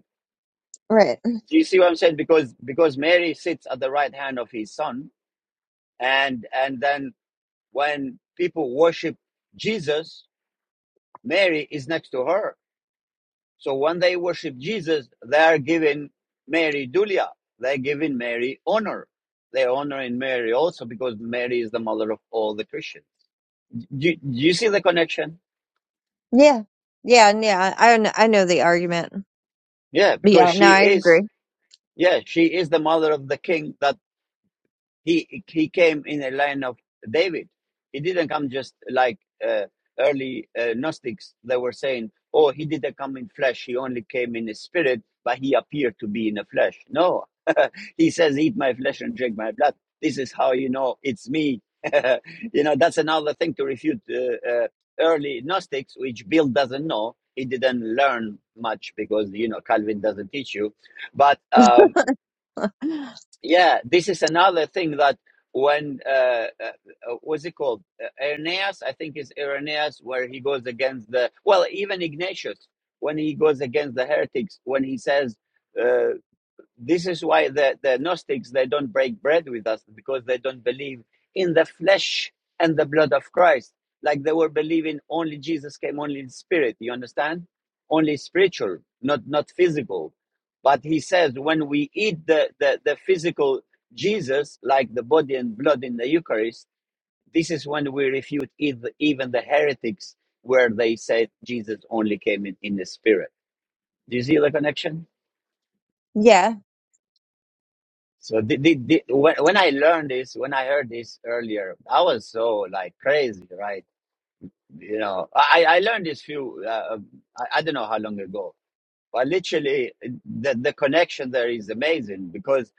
Right.
do you see what I'm saying? Because because Mary sits at the right hand of his son, and and then when people worship Jesus, Mary is next to her. So when they worship Jesus, they are giving Mary dulia. They're giving Mary honor. They're honoring Mary also because Mary is the mother of all the Christians. Do, do you see the connection?
Yeah. Yeah. and Yeah. I I kn- I know the argument.
Yeah, because
Yeah. No,
she
I
is.
agree.
Yeah, she is the mother of the King that he he came in a line of David. He didn't come just like uh, early uh, Gnostics that were saying, "Oh, he didn't come in flesh; he only came in a spirit, but he appeared to be in a flesh." No, *laughs* he says, "Eat my flesh and drink my blood." This is how you know it's me. *laughs* you know that's another thing to refute uh, uh, early Gnostics, which Bill doesn't know. He didn't learn much because you know Calvin doesn't teach you, but. Um, yeah, this is another thing that when uh, uh, uh, what's it called? Uh, Irenaeus, I think is Irenaeus, where he goes against the well, even Ignatius when he goes against the heretics, when he says. uh, this is why the, the Gnostics they don't break bread with us because they don't believe in the flesh and the blood of Christ. Like they were believing only Jesus came, only in spirit. You understand? Only spiritual, not not physical. But he says when we eat the, the, the physical Jesus, like the body and blood in the Eucharist, this is when we refute ev- even the heretics where they said Jesus only came in, in the spirit. Do you see the connection?
Yeah.
So the the the when, when I learned this, when I heard this earlier, I was so like crazy, right? You know, I, I learned this few, uh, um, I, I don't know how long ago, but literally the, the connection there is amazing because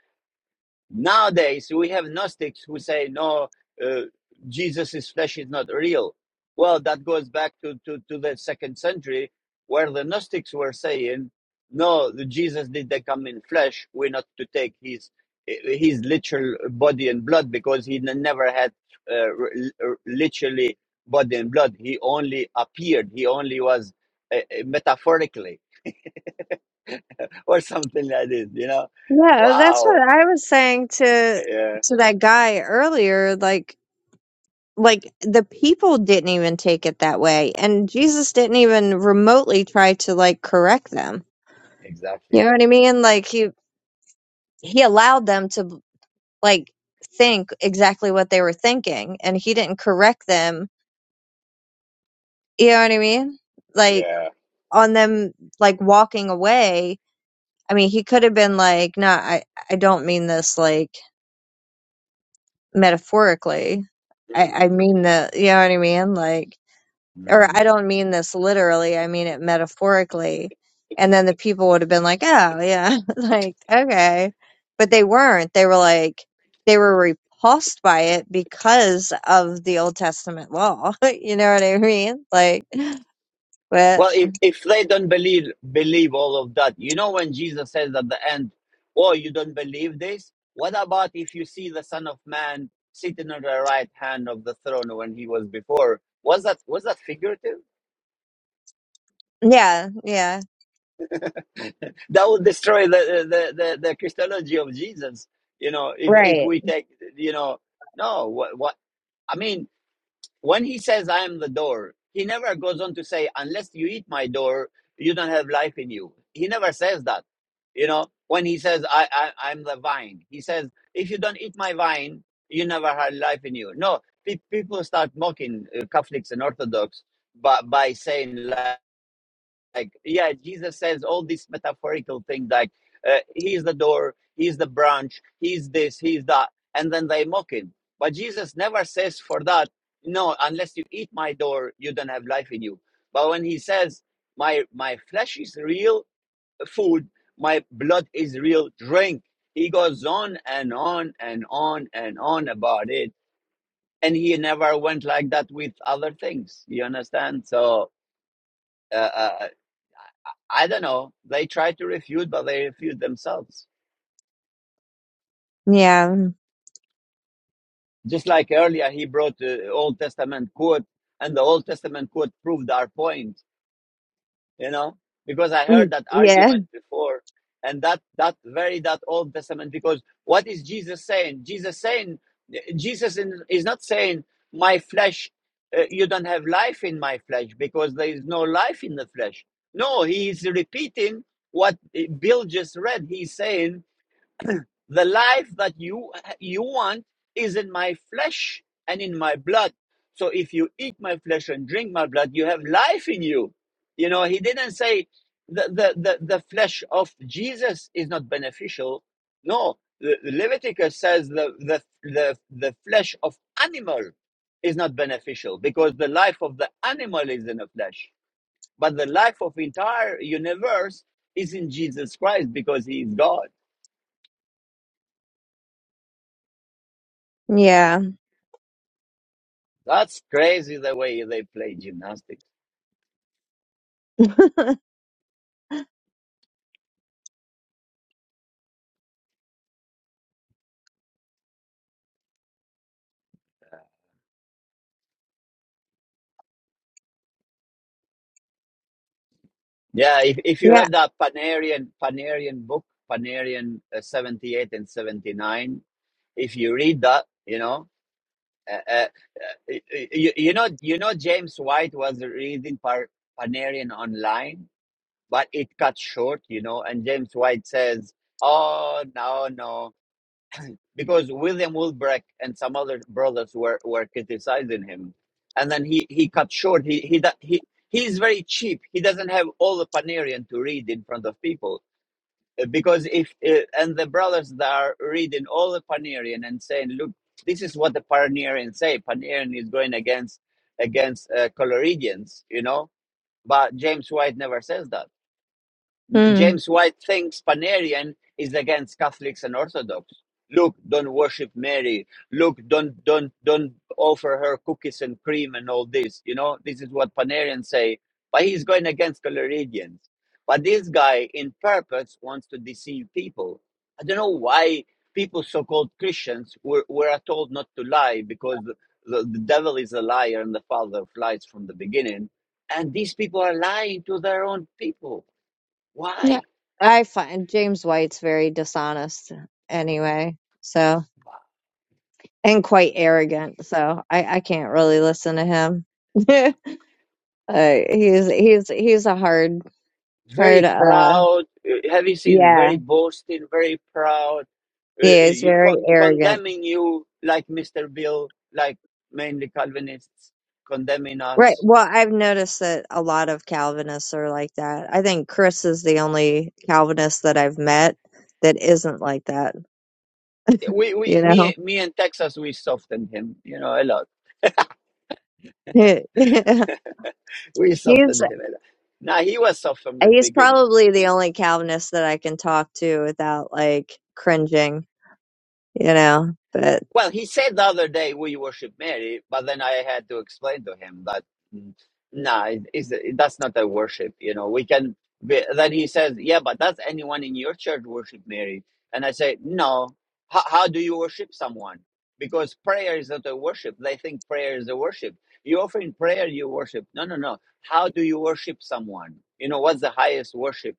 Nowadays, we have Gnostics who say, no, uh, Jesus' flesh is not real. Well, that goes back to, to, to the second century where the Gnostics were saying, no, the Jesus did not come in flesh. We're not to take his his literal body and blood because he never had uh, literally body and blood. He only appeared. He only was uh, uh, metaphorically *laughs* or something like this, you know?
Yeah. That's what
Wow.
I was saying to
Yeah,
to that guy earlier. Like, like the people didn't even take it that way, and Jesus didn't even remotely try to like correct them. You
exactly.
know what I mean? Like he he allowed them to like think exactly what they were thinking and he didn't correct them you know what i mean like on them like walking away i mean he could have been like no i i don't mean this like metaphorically i i mean the you know what i mean like
Mm.
or I don't mean this literally, I mean it metaphorically. And then the people would have been like, oh, yeah, *laughs* like, okay. But they weren't. They were like, they were repulsed by it because of the Old Testament law. *laughs* you know what I mean? Like, but
Well, if, if they don't believe believe all of that, you know when Jesus says at the end, "Oh, you don't believe this? What about if you see the Son of Man sitting on the right hand of the throne when he was before?" Was that was that figurative?
yeah, yeah.
That would destroy the the, the, the Christology of Jesus. You know, if if
Right.
we take you know no what what I mean when he says i am the door he never goes on to say unless you eat my door you don't have life in you he never says that you know when he says i, I i'm the vine he says if you don't eat my vine you never had life in you no pe- people start mocking uh, catholics and orthodox by, by saying like yeah jesus says all these metaphorical things like uh, he's the door he's the branch he's this he's that and then they mock him but jesus never says for that no unless you eat my door you don't have life in you but when he says my my flesh is real food my blood is real drink he goes on and on and on and on about it and he never went like that with other things you understand so uh. uh, I don't know. They try to refute, but they refute themselves.
Yeah.
Just like earlier, he brought the Old Testament quote, and the Old Testament quote proved our point. You know, because I
Mm,
heard that
Yeah.
argument before, and that that very that Old Testament. Because what is Jesus saying? Jesus saying, Jesus is not saying my flesh. Uh, you don't have life in my flesh because there is no life in the flesh. No, he is repeating what Bill just read. He's saying The life that you you want is in my flesh and in my blood. So if you eat my flesh and drink my blood, you have life in you. You know, he didn't say the the the, the flesh of Jesus is not beneficial. No, Le- Leviticus says the, the the the flesh of animal is not beneficial because the life of the animal is in the flesh, but the life of entire universe is in Jesus Christ because he is God.
Yeah.
That's crazy the way they play gymnastics.
*laughs*
Yeah, if, if you
yeah.
have that Panarian Panarian book, Panarian uh, 78 and 79, if you read that, you know, uh, uh, uh, you, you know, you know, James White was reading Par- Panarian online, but it cut short, you know, and James White says, "Oh no, no, because William Wilbrecht and some other brothers were, were criticizing him, and then he, he cut short. He he he he is very cheap. He doesn't have all the Panarian to read in front of people Uh, because if uh, and the brothers that are reading all the Panarian and saying, look, this is what the Panarians say. Panarian is going against against uh, Coloridians, you know. But James White never says that
Mm.
James White thinks Panarian is against Catholics and Orthodox. Look, don't worship Mary. Look, don't don't don't offer her cookies and cream and all this. You know, this is what Panarians say. But he's going against Coloridians. But this guy, in purpose, wants to deceive people. I don't know why people, so-called Christians, were were told not to lie because the, the, the devil is a liar and the father of lies from the beginning. And these people are lying to their own people.
Yeah.
Why?
I find James White's very dishonest anyway. So. and quite arrogant, so I, I can't really listen to him. *laughs* uh, he's he's he's a hard hard
very
uh
proud. uh, Have you seen
yeah
very boasting, very proud, uh, uh,
yeah he's
you-
very
con-
arrogant.
condemning you like Mr. Bill, like mainly Calvinists condemning
Right.
us.
Well, I've noticed that a lot of Calvinists are like that. I think Chris is the only Calvinist that I've met that isn't like that.
We, we,
You know,
me, me and Texas, we softened him, you know, a lot.
*laughs*
We
he's
softened him a lot. Now he was soft from the
he's
beginning.
probably the only Calvinist that I can talk to without like cringing. You know, but.
Well, he said the other day we worship Mary, but then I had to explain to him that mm, nah, it, it's, that's not a worship. You know, we can. Be, then he says, "Yeah, but does anyone in your church worship Mary?" And I say, "No. How how do you worship someone? Because prayer is not a worship. They think prayer is a worship. You offer in prayer, you worship. No, no, no. How do you worship someone? You know, what's the highest worship?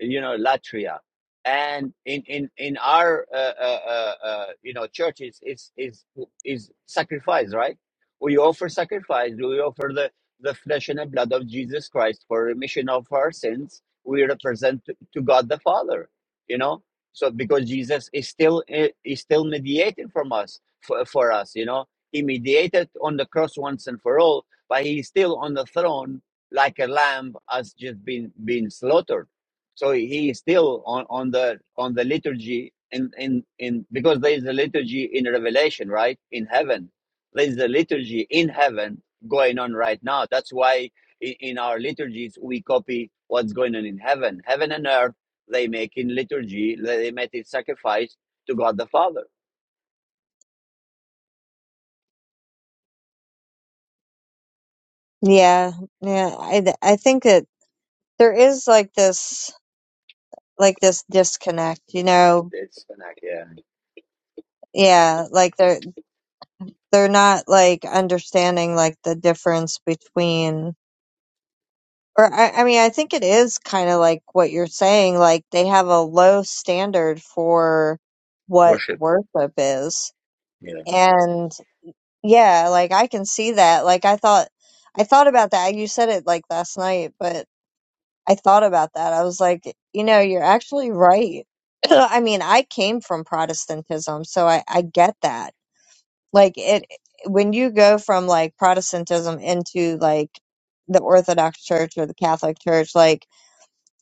you know latria and in in in our uh, uh, uh, uh, you know churches is is is sacrifice right we offer sacrifice we offer the the flesh and the blood of jesus christ for remission of our sins we represent to, to god the father you know so because jesus is still eh, is still mediating from us for, for us you know he mediated on the cross once and for all but he's still on the throne like a lamb has just been been slaughtered so he is still on, on the on the liturgy in, in in because there is a liturgy in Revelation, right? In heaven, there is a liturgy in heaven going on right now. That's why in, in our liturgies we copy what's going on in heaven. Heaven and earth they make in liturgy. They they make in sacrifice to God the Father.
Yeah, yeah. I th- I think that there is like this like this disconnect, you know.
It's an act, yeah,
Yeah, like they're they're not like understanding like the difference between or I, I mean I think it is kind of like what you're saying like they have a low standard for what
worship.
worship is.
Yeah,
And yeah, like I can see that. Like I thought I thought about that. You said it like last night, but I thought about that. I was like, you know, you're actually right. *clears throat* I mean, I came from Protestantism, so I, I get that. Like it when you go from like Protestantism into like the Orthodox Church or the Catholic Church, like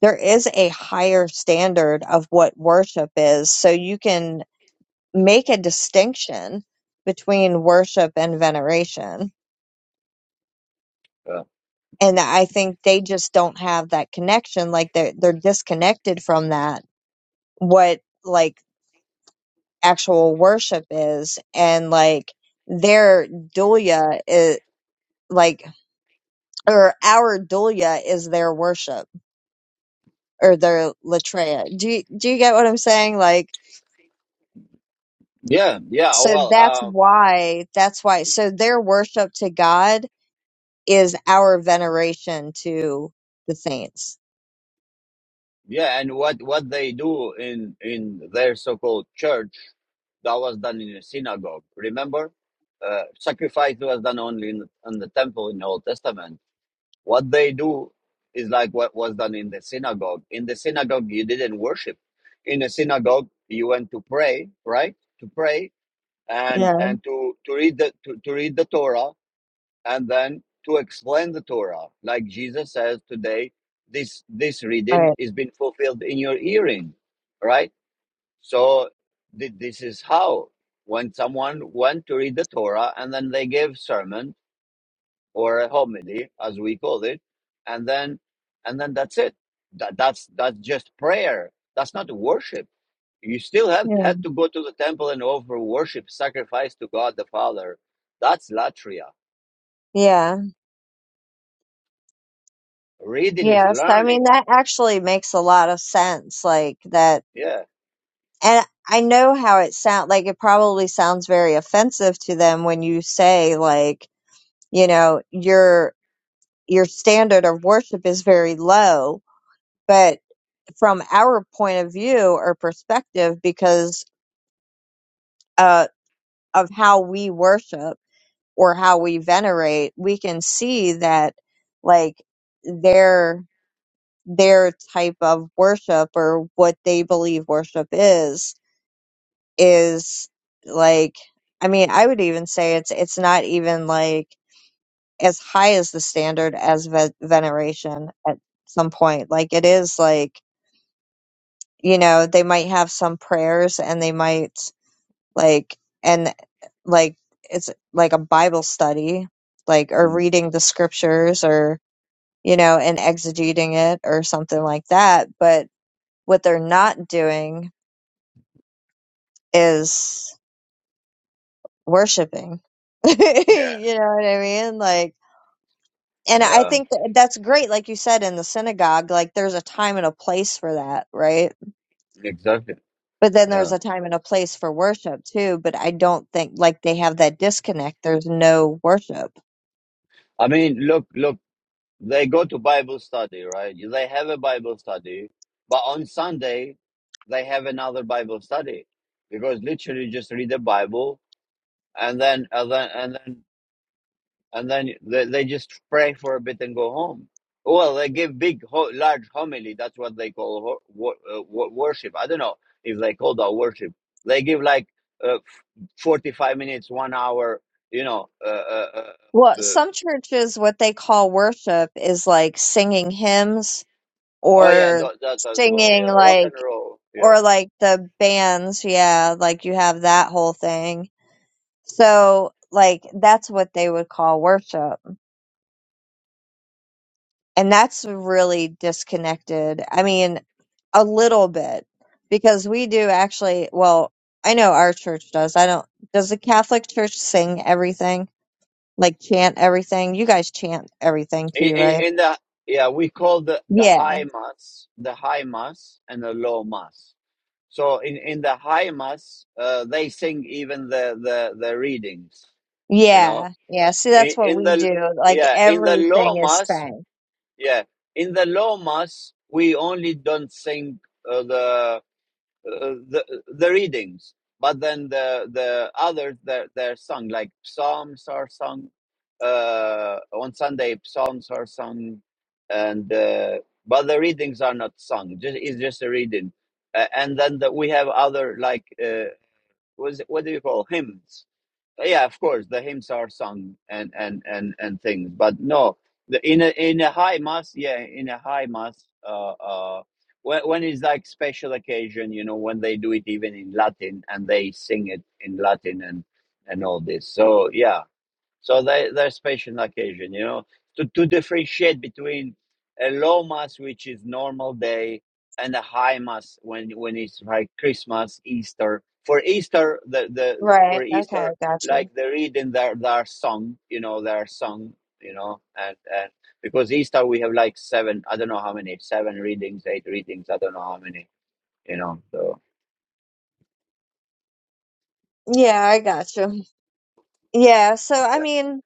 there is a higher standard of what worship is, so you can make a distinction between worship and veneration.
uh,
And I think they just don't have that connection. Like they're they're disconnected from that what like actual worship is and like their dulia is like or our dulia is their worship or their latreia do you, do you get what i'm saying like
yeah, yeah. Oh
so
well.
that's
uh,
why that's why so their worship to god is our veneration to the saints
Yeah, and what what they do in in their so-called church that was done in a synagogue. Remember, uh, sacrifice was done only in, in the temple in the Old Testament. What they do is like what was done in the synagogue. In the synagogue, you didn't worship. In a synagogue, you went to pray, right? To pray and
yeah
and to to read the to, to read the Torah and then to explain the Torah, like Jesus says today, this this reading
right
is been fulfilled in your hearing, right? So th- this is how when someone went to read the Torah and then they gave sermon or a homily, as we call it, and then and then that's it. That, that's that's just prayer. That's not worship. You still have
yeah
had to go to the temple and offer worship, sacrifice to God the Father. That's latria.
yeah
Reading is
yeah so i mean
learning.
that actually makes a lot of sense like that
Yeah.
And I know how it sound like it probably sounds very offensive to them when you say like, you know, your your standard of worship is very low, but from our point of view or perspective because uh of how we worship or how we venerate, we can see that like their their type of worship or what they believe worship is is like I mean, I would even say it's it's not even like as high as the standard as ve- veneration at some point. Like it is like, you know, they might have some prayers and they might like and like it's like a Bible study, like or
Mm.
reading the scriptures or you know, and exegeting it or something like that, but what they're not doing is worshiping. *laughs* you
Yeah.
know what I mean? Like, and I
Yeah,
think that that's great, like you said, in the synagogue, like there's a time and a place for that, right?
exactly.
But then there's
Yeah.
a time and a place for worship too. But I don't think like they have that disconnect. There's no worship.
I mean, look, look, they go to Bible study, right? They have a Bible study, but on Sunday, they have another Bible study because literally just read the Bible and then, and then, and then, and then they, they just pray for a bit and go home. Well, they give big, ho- large homily. That's what they call ho- wo- uh, wo- worship. I don't know if they call that worship. They give like uh, 45 minutes, one hour, you know. Uh, uh, uh,
Well, some churches, what they call worship is like singing hymns
oh, yeah,
or
that, that as well.
singing
Yeah, rock
like
and roll. Yeah.
or like the bands, yeah, like you have that whole thing. So like that's what they would call worship. And that's really disconnected. I mean, a little bit because we do actually, well, I know our church does. I don't, does the Catholic church sing everything? Like chant everything? You guys chant everything
In,
too,
in,
right?
in the, yeah, we call the, the
Yeah.
high mass, the high mass and the low mass. So in, in the high mass, uh, they sing even the, the, the readings, you know.
Yeah. Yeah. See,
In,
that's what
in
we
the,
do. Like
yeah, in the low
everything is
mass,
sang.
yeah, in the low mass, we only don't sing uh, the uh, the the readings but then the the others they're, they're sung like psalms are sung uh on sunday psalms are sung and uh but the readings are not sung just it's just a reading uh, and then the, we have other like uh was what do you call hymns yeah of course the hymns are sung and and and and things but no the, in a in a high mass yeah in a high mass uh uh when, when it's like special occasion you know when they do it even in latin and they sing it in latin and and all this so yeah so there, there's special occasion, you know, to, to differentiate between a low mass, which is normal day, and a high mass when when it's like Christmas, Easter. For Easter, the, the
Right.
for
Okay.
Easter,
Gotcha.
like the reading, there there are sung, you know, there are sung, you know, and and because Easter we have like seven, I don't know how many, seven readings, eight readings, I don't know how many, you know. So
Yeah, I gotcha. Yeah, so
yeah.
I mean,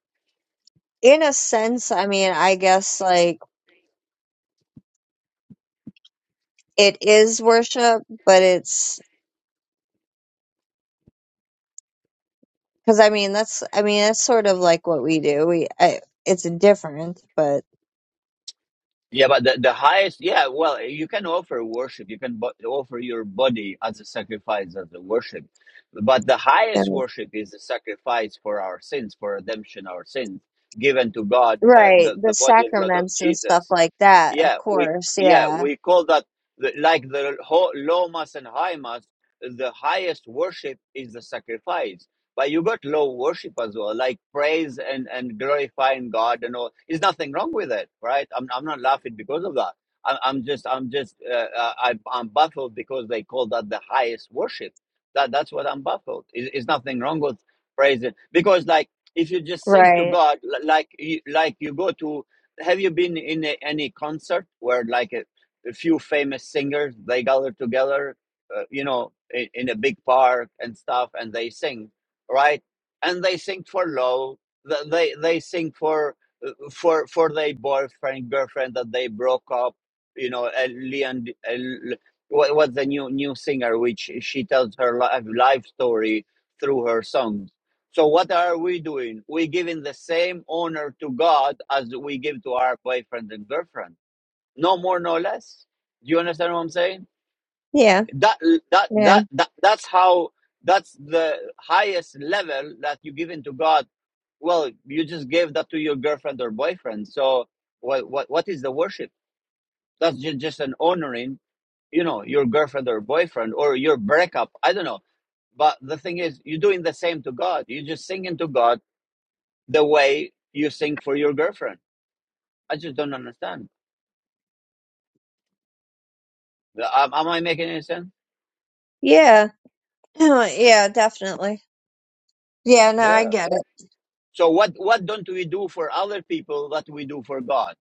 in a sense, I mean, I guess like it is worship, but it's because I mean that's I mean that's sort of like what we do. We I, it's different, but
Yeah, but the, the highest, yeah, well, you can offer worship. You can bo- offer your body as a sacrifice, as a worship. But the
yeah.
highest worship is the sacrifice for our sins, for redemption, our sins, given to God, uh,
right,
the,
the
the body and blood of
sacraments and stuff
Jesus.
like that, of
Yeah, we
course.
yeah
Yeah,
we call that the, like the ho- low mass and high mass. The highest worship is the sacrifice, but you got low worship as well, like praise and and glorifying God and all. There's nothing wrong with it, right? I'm I'm not laughing because of that. I'm I'm just I'm just uh, uh, I, I'm baffled because they call that the highest worship. That that's what I'm baffled. Is is nothing wrong with praising because like if you just sing to
right.
God, li- like you, like you go to have you been in a, any concert where like a, a few famous singers they gather together, uh, you know, in, in a big park and stuff, and they sing, right? And they sing for love. th- They they sing for uh, for for their boyfriend girlfriend that they broke up. You know, and Leon, and L- what what's the new new singer which she tells her life life story through her song so what are we doing? We're giving the same honor to God as we give to our boyfriend and girlfriend. No more, no less. Do you understand what I'm saying?
Yeah,
That that
yeah,
that, that that's how that's the highest level that you give into God. Well, you just gave that to your girlfriend or boyfriend. So what what what is the worship? That's just, just an honoring, you know, your girlfriend or boyfriend or your breakup. I don't know. But the thing is, you're doing the same to God. You're just singing to God the way you think for your girlfriend. I just don't understand. Am, am I making any sense?
yeah, *clears throat* yeah, definitely. Yeah, no, I
Yeah.
get it.
So what what don't we do for other people that we do for God?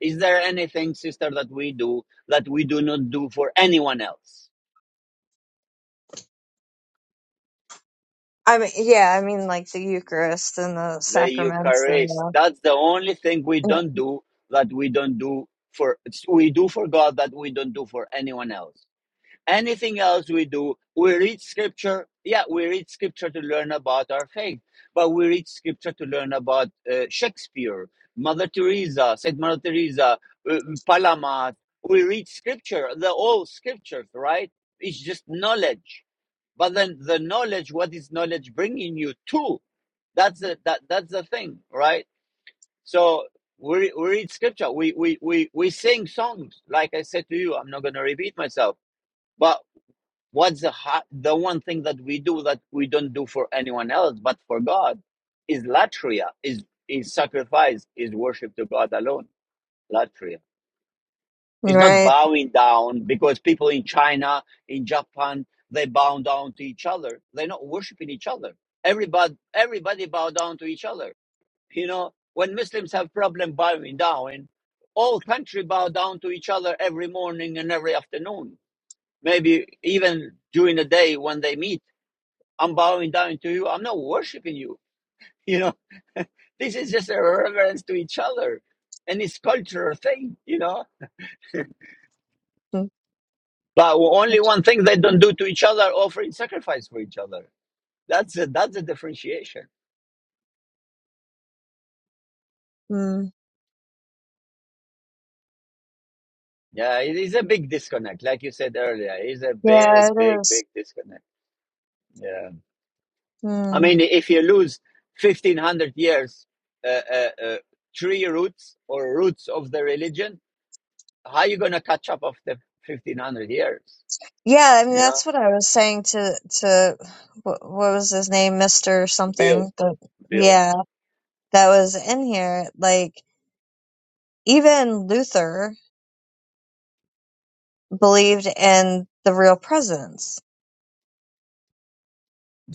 Is there anything, sister, that we do that we do not do for anyone else?
I mean, yeah, I mean like the Eucharist and the
The
sacraments and
Eucharist.
the
That's the only thing we
*clears throat*
don't do that we don't do for we do for God that we don't do for anyone else. anything else we do, we read scripture. Yeah, we read scripture to learn about our faith, but we read scripture to learn about uh, Shakespeare, Mother Teresa, Saint Mother Teresa, uh, Palamat. We read scripture, the old scriptures, right? It's just knowledge. But then the knowledge, what is knowledge bringing you to? That's the that that's the thing, right? So we, we read scripture. We, we we we sing songs. Like I said to you, I'm not going to repeat myself. but what's the ha- the one thing that we do that we don't do for anyone else but for god is latria is is sacrifice is worship to god alone latria it's not
right.
bowing down because people in china in japan they bow down to each other they're not worshiping each other everybody everybody bow down to each other you know when muslims have problem bowing down all country bow down to each other every morning and every afternoon maybe even during the day when they meet I'm bowing down to you. I'm not worshiping you. *laughs* You know, this is just a reverence to each other. And it's cultural thing, you know. But only one thing they don't do to each other, offering sacrifice for each other. That's a, that's a differentiation.
Mm.
Yeah, it is a big disconnect. Like you said earlier, it's a
Yeah,
big,
it
big,
is.
big disconnect. Yeah. I
Mm.
mean, if you lose 1500 years, uh, uh, uh, tree roots or roots of the religion, how you going to catch up after 1500 years?
Yeah, I mean
You know?
that's what I was saying to to what, what was his name, Mister
Bill.
something. But
bill
yeah, that was in here. Like even Luther believed in the real presence.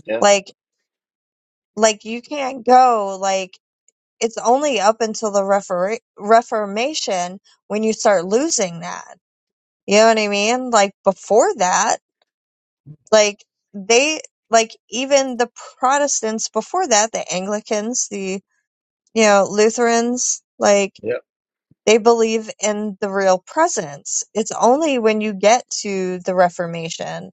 Yeah.
Like like you can't go like it's only up until the refer- Reformation when you start losing that. You know what I mean? Like before that. like they like even the protestants before that the anglicans the you know lutherans like
Yeah.
they believe in the real presence it's only when you get to the reformation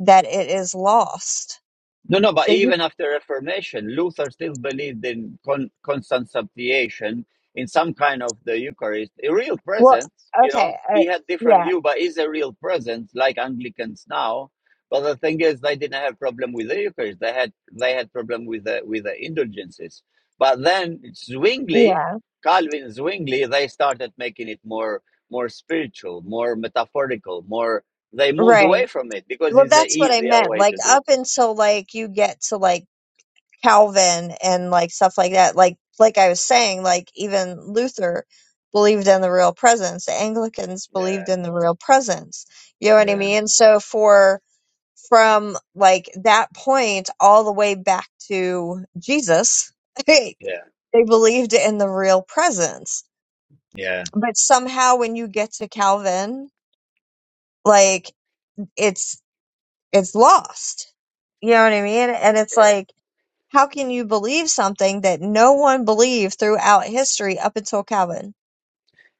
that it is lost
No, no, but
so you
even after Reformation, Luther still believed in con- constant substitution, in some kind of the Eucharist, a real
well
presence. You know,
okay uh,
he had different
yeah
view, but is a real presence like Anglicans now. But the thing is, they didn't have problem with the Eucharist. They had they had problem with the with the indulgences. But then Zwingli,
yeah
Calvin Zwingli, they started making it more more spiritual, more metaphorical, more. They moved
right
away from it because
well
it's an
that's what i
easier
meant
way
like
to do.
up until like you get to like Calvin and like stuff like that. Like like I was saying, like even Luther believed in the real presence. The Anglicans
Yeah.
believed in the real presence. You know what I
Yeah,
mean? So for from like that point all the way back to Jesus, *laughs* they
yeah,
believed in the real presence.
yeah,
But somehow when you get to Calvin, like it's it's lost. You know what I mean? And it's
yeah.
like How can you believe something that no one believed throughout history up until Calvin?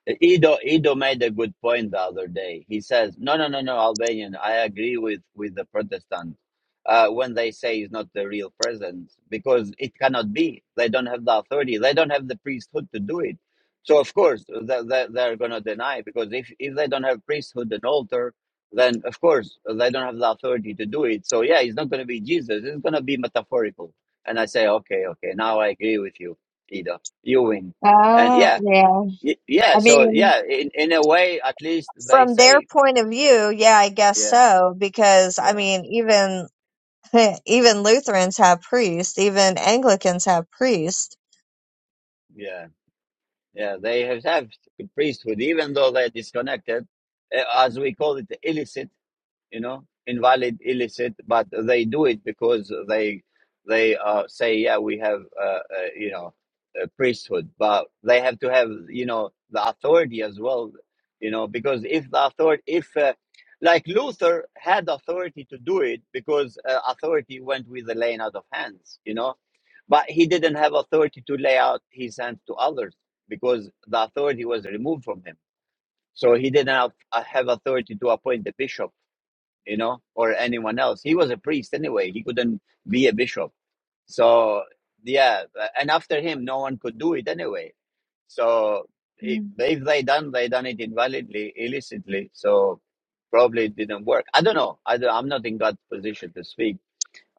Ido Ido made a good point the other day. He says, "No, no, no, no, Albanian. I agree with with the Protestant uh, when they say it's not the real presence because it cannot be. They don't have the authority. They don't have the priesthood to do it. So of course they, they, they're going to deny because if if they don't have priesthood and altar, then of course they don't have the authority to do it. So yeah, it's not going to be Jesus. It's going to be metaphorical." And I say, "Okay, okay. Now I agree with you, Ido. You win." And
Uh,
yeah,
yeah.
Y- yeah
I
so
mean,
yeah in in a way at least they
From their
say
point of view, yeah, I guess
yeah
so, because I
yeah
mean, even *laughs* even Lutherans have priests, even Anglicans have priests.
yeah yeah they have have priesthood even though they're disconnected uh, as we call it illicit you know, invalid, illicit, but they do it because they they uh, say, yeah, we have, uh, uh, you know, a priesthood, but they have to have, you know, the authority as well, you know, because if the authority, if uh, like Luther had authority to do it because uh, authority went with the laying out of hands, you know, but he didn't have authority to lay out his hands to others because the authority was removed from him. So he didn't have, uh, have authority to appoint the bishop you know, or anyone else. He was a priest anyway. He couldn't be a bishop. So yeah, uh, and after him, no one could do it anyway. So if,
Mm.
if they done, they done it invalidly, illicitly. So probably it didn't work. I don't know. I don't, I'm not in God's position to speak.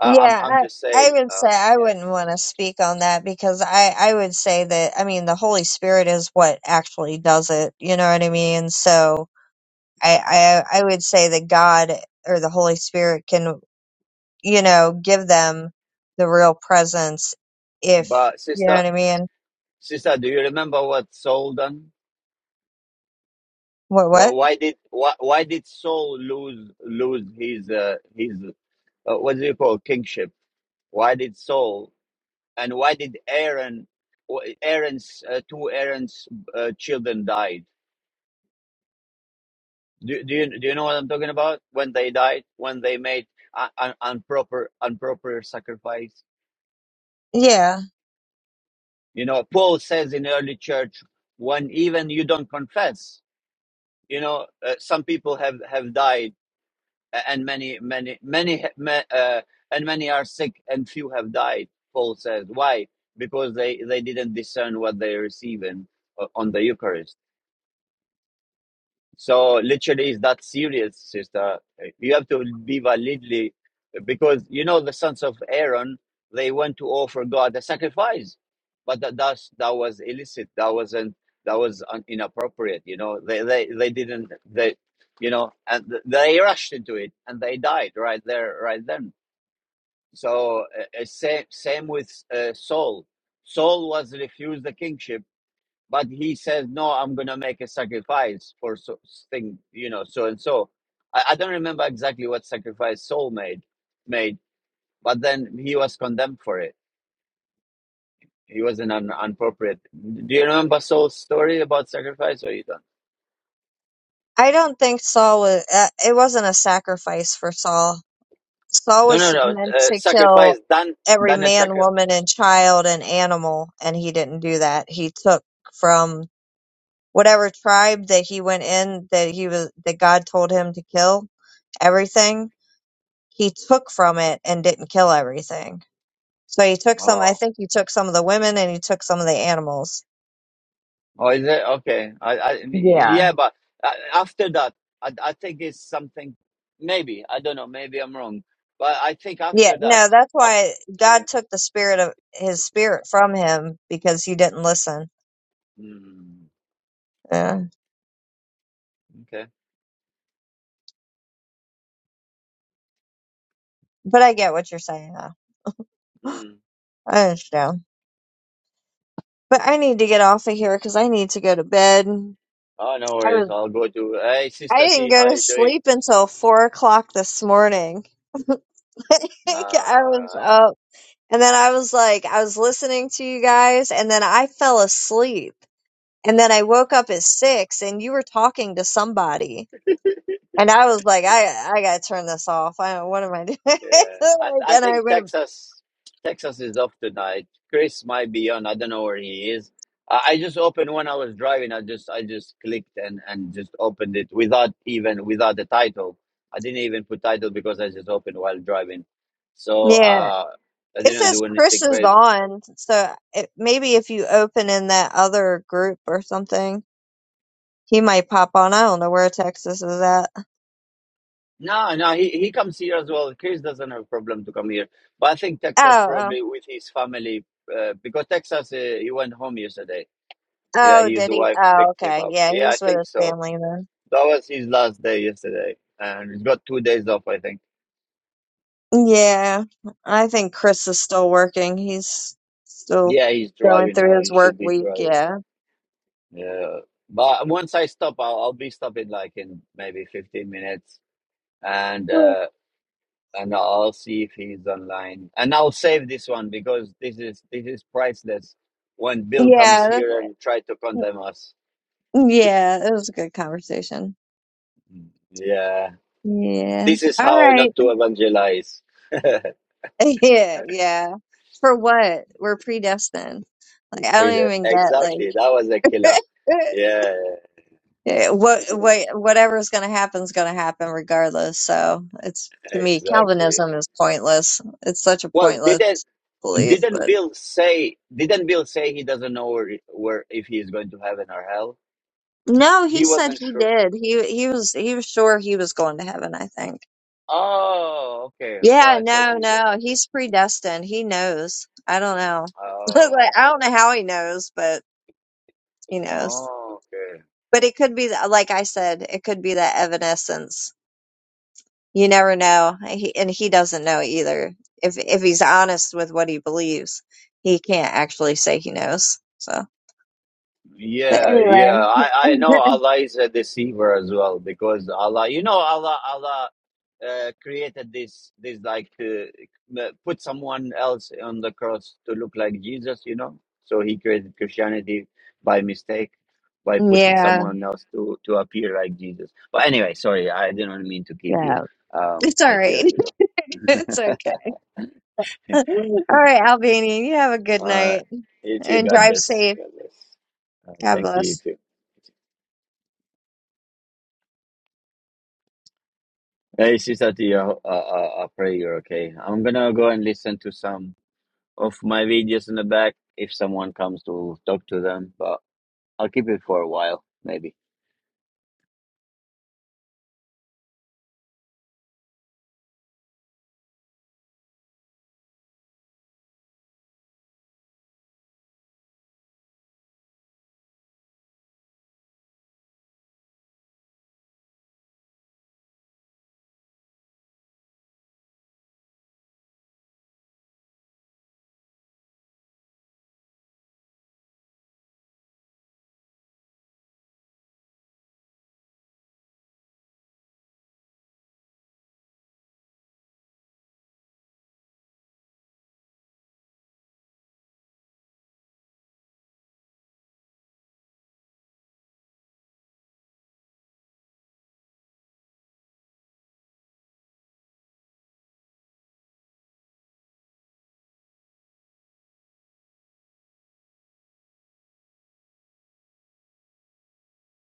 Uh, I'm
Yeah,
I'm
I,
just
I
saying.
would
Uh,
say I
yeah.
wouldn't want to speak on that because I, I would say that, I mean, the Holy Spirit is what actually does it. You know what I mean? So. I, I I would say that God or the Holy Spirit can, you know, give them the real presence if
But
you know
sister,
what I mean.
sister, do you remember what Saul done?
What
Wh-
what?
Why did why, why did Saul lose lose his uh, his uh, what do you call kingship? Why did Saul and why did Aaron, Aaron's uh, two Aaron's uh, children died? Do, do you do you know what I'm talking about? When they died, when they made un- un- improper improper sacrifice.
Yeah,
You know, Paul says in early church when even you don't confess. You know, uh, some people have have died and many many many uh, and many are sick and few have died paul says why because they they didn't discern what they are receiving uh, on the eucharist so literally, it's that serious, sister. You have to be validly, because you know the sons of Aaron, they went to offer God a sacrifice, but that that's, that was illicit. That wasn't that was un, inappropriate. You know, they they they didn't they, you know, and th- they rushed into it and they died right there, right then. So uh, uh, same same with uh, Saul. Saul was refused the kingship but he says no i'm gonna make a sacrifice for so thing you know so and so I, I don't remember exactly what sacrifice saul made made but then he was condemned for it he was an un- appropriate do you remember saul's story about sacrifice or you don't
I don't think Saul was. Uh, it wasn't a sacrifice for Saul. Saul
no no
was
no
meant
uh,
to kill
sacrifice done
every
done a
man,
sacrifice
woman, and child and animal, and he didn't do that. He took from whatever tribe that he went in that he was that God told him to kill everything he took from it and didn't kill everything. So he took some, I
oh.
think he took some of the women and he took some of the animals.
oh is it okay i, I
Yeah.
yeah but uh, after that I, I think it's something maybe i don't know maybe i'm wrong but i think
Yeah.
after that
No, that's why
after,
God took the spirit of his spirit from him because he didn't listen.
Mm,
Yeah.
okay.
But I get what you're saying though. *sighs*
Mm.
I understand. But I need to get off of here because I need to go to bed.
Oh, no
I
worries.
was
I'll go to. Hey,
I
Sister
didn't
T,
go
how
to
you doing?
sleep until four o'clock this morning. *laughs* I was
Uh,
up. And then I was like, I was listening to you guys, and then I fell asleep. And then I woke up at six, and you were talking to somebody. And I was like, I I gotta turn this off. I don't, what am I doing? *laughs*
yeah. I
like,
I
and I
think
went,
Texas Texas is off tonight. Chris might be on. I don't know where he is. I, I just opened when I was driving. I just I just clicked and and just opened it without even without the title. I didn't even put title because I just opened while driving. So
yeah.
uh, I
It
didn't
says
do
Chris
anything
is
crazy.
on, so it, maybe if you open in that other group or something, he might pop on. I don't know where Texas is at.
No, no, he, he comes here as well. Chris doesn't have a problem to come here, but I think Texas
Oh, oh,
probably with his family uh, because Texas uh, he went home yesterday. Yeah,
oh,
his
did he?
wife
Oh,
picked him
okay.
up.
Yeah,
Yeah, I
he's with
think
his
so.
family then.
That was his last day yesterday, and he's got two days off, I think.
Yeah, I think Chris is still working. He's still
Yeah, he's
going
driving
through
now.
his
He
work
should be
week.
driving.
Yeah.
Yeah, but once I stop, I'll, I'll be stopping like in maybe fifteen minutes, and
Cool.
uh, and I'll see if he's online. And I'll save this one because this is this is priceless. When Bill comes
Yeah. that's-
here and try to condemn us,
mm, Yeah. It was a good conversation.
yeah,
Yeah.
this is
All
how
right.
not to evangelize. *laughs*
*laughs* Yeah. Yeah. For what? We're predestined. Like, I don't
Frida,
even get,
exactly.
like,
That was a killer.
*laughs*
Yeah,
yeah, what, what, whatever's going to happen is going to happen regardless. So it's, to me,
exactly.
Calvinism is pointless. It's such a
Well,
pointless
didn't
belief,
didn't
but.
Bill say didn't Bill say he doesn't know where, where if he is going to heaven or hell?
No,
He
he said
wasn't
he
sure.
did. He he was he was sure he was going to heaven, I think.
Oh, okay. Oh,
Yeah,
I told
no,
you. Yeah,
no.
okay.
He's predestined. He knows. I don't know. *laughs*
Oh.
Like, I don't know how he knows, but he knows.
Oh, okay.
But it could be that, like I said, it could be that evanescence. You never know. He, and he doesn't know either. If if he's honest with what he believes, he can't actually say he knows. So, but
Yeah,
anyway.
yeah. I, I know
*laughs*
Allah is a deceiver as well because Allah, you know, Allah, Allah uh, created this, this like, uh, m- put someone else on the cross to look like Jesus, you know? So he created Christianity by mistake, by putting
Yeah,
someone else to, to appear like Jesus. But anyway, sorry, I didn't mean to keep you.
yeah.
Um,
It's all
if you
right.
have
*laughs* It's
to go.
okay.
*laughs*
*laughs* All right, Albanian, you have a good
Uh,
night
you too,
and
God
drive
bless.
safe.
God bless. Uh,
God
thank you,
bless.
you too. Hey, Sister T, I, I, I I pray you're okay. I'm gonna go and listen to some of my videos in the back if someone comes to talk to them, but I'll keep it for a while, maybe.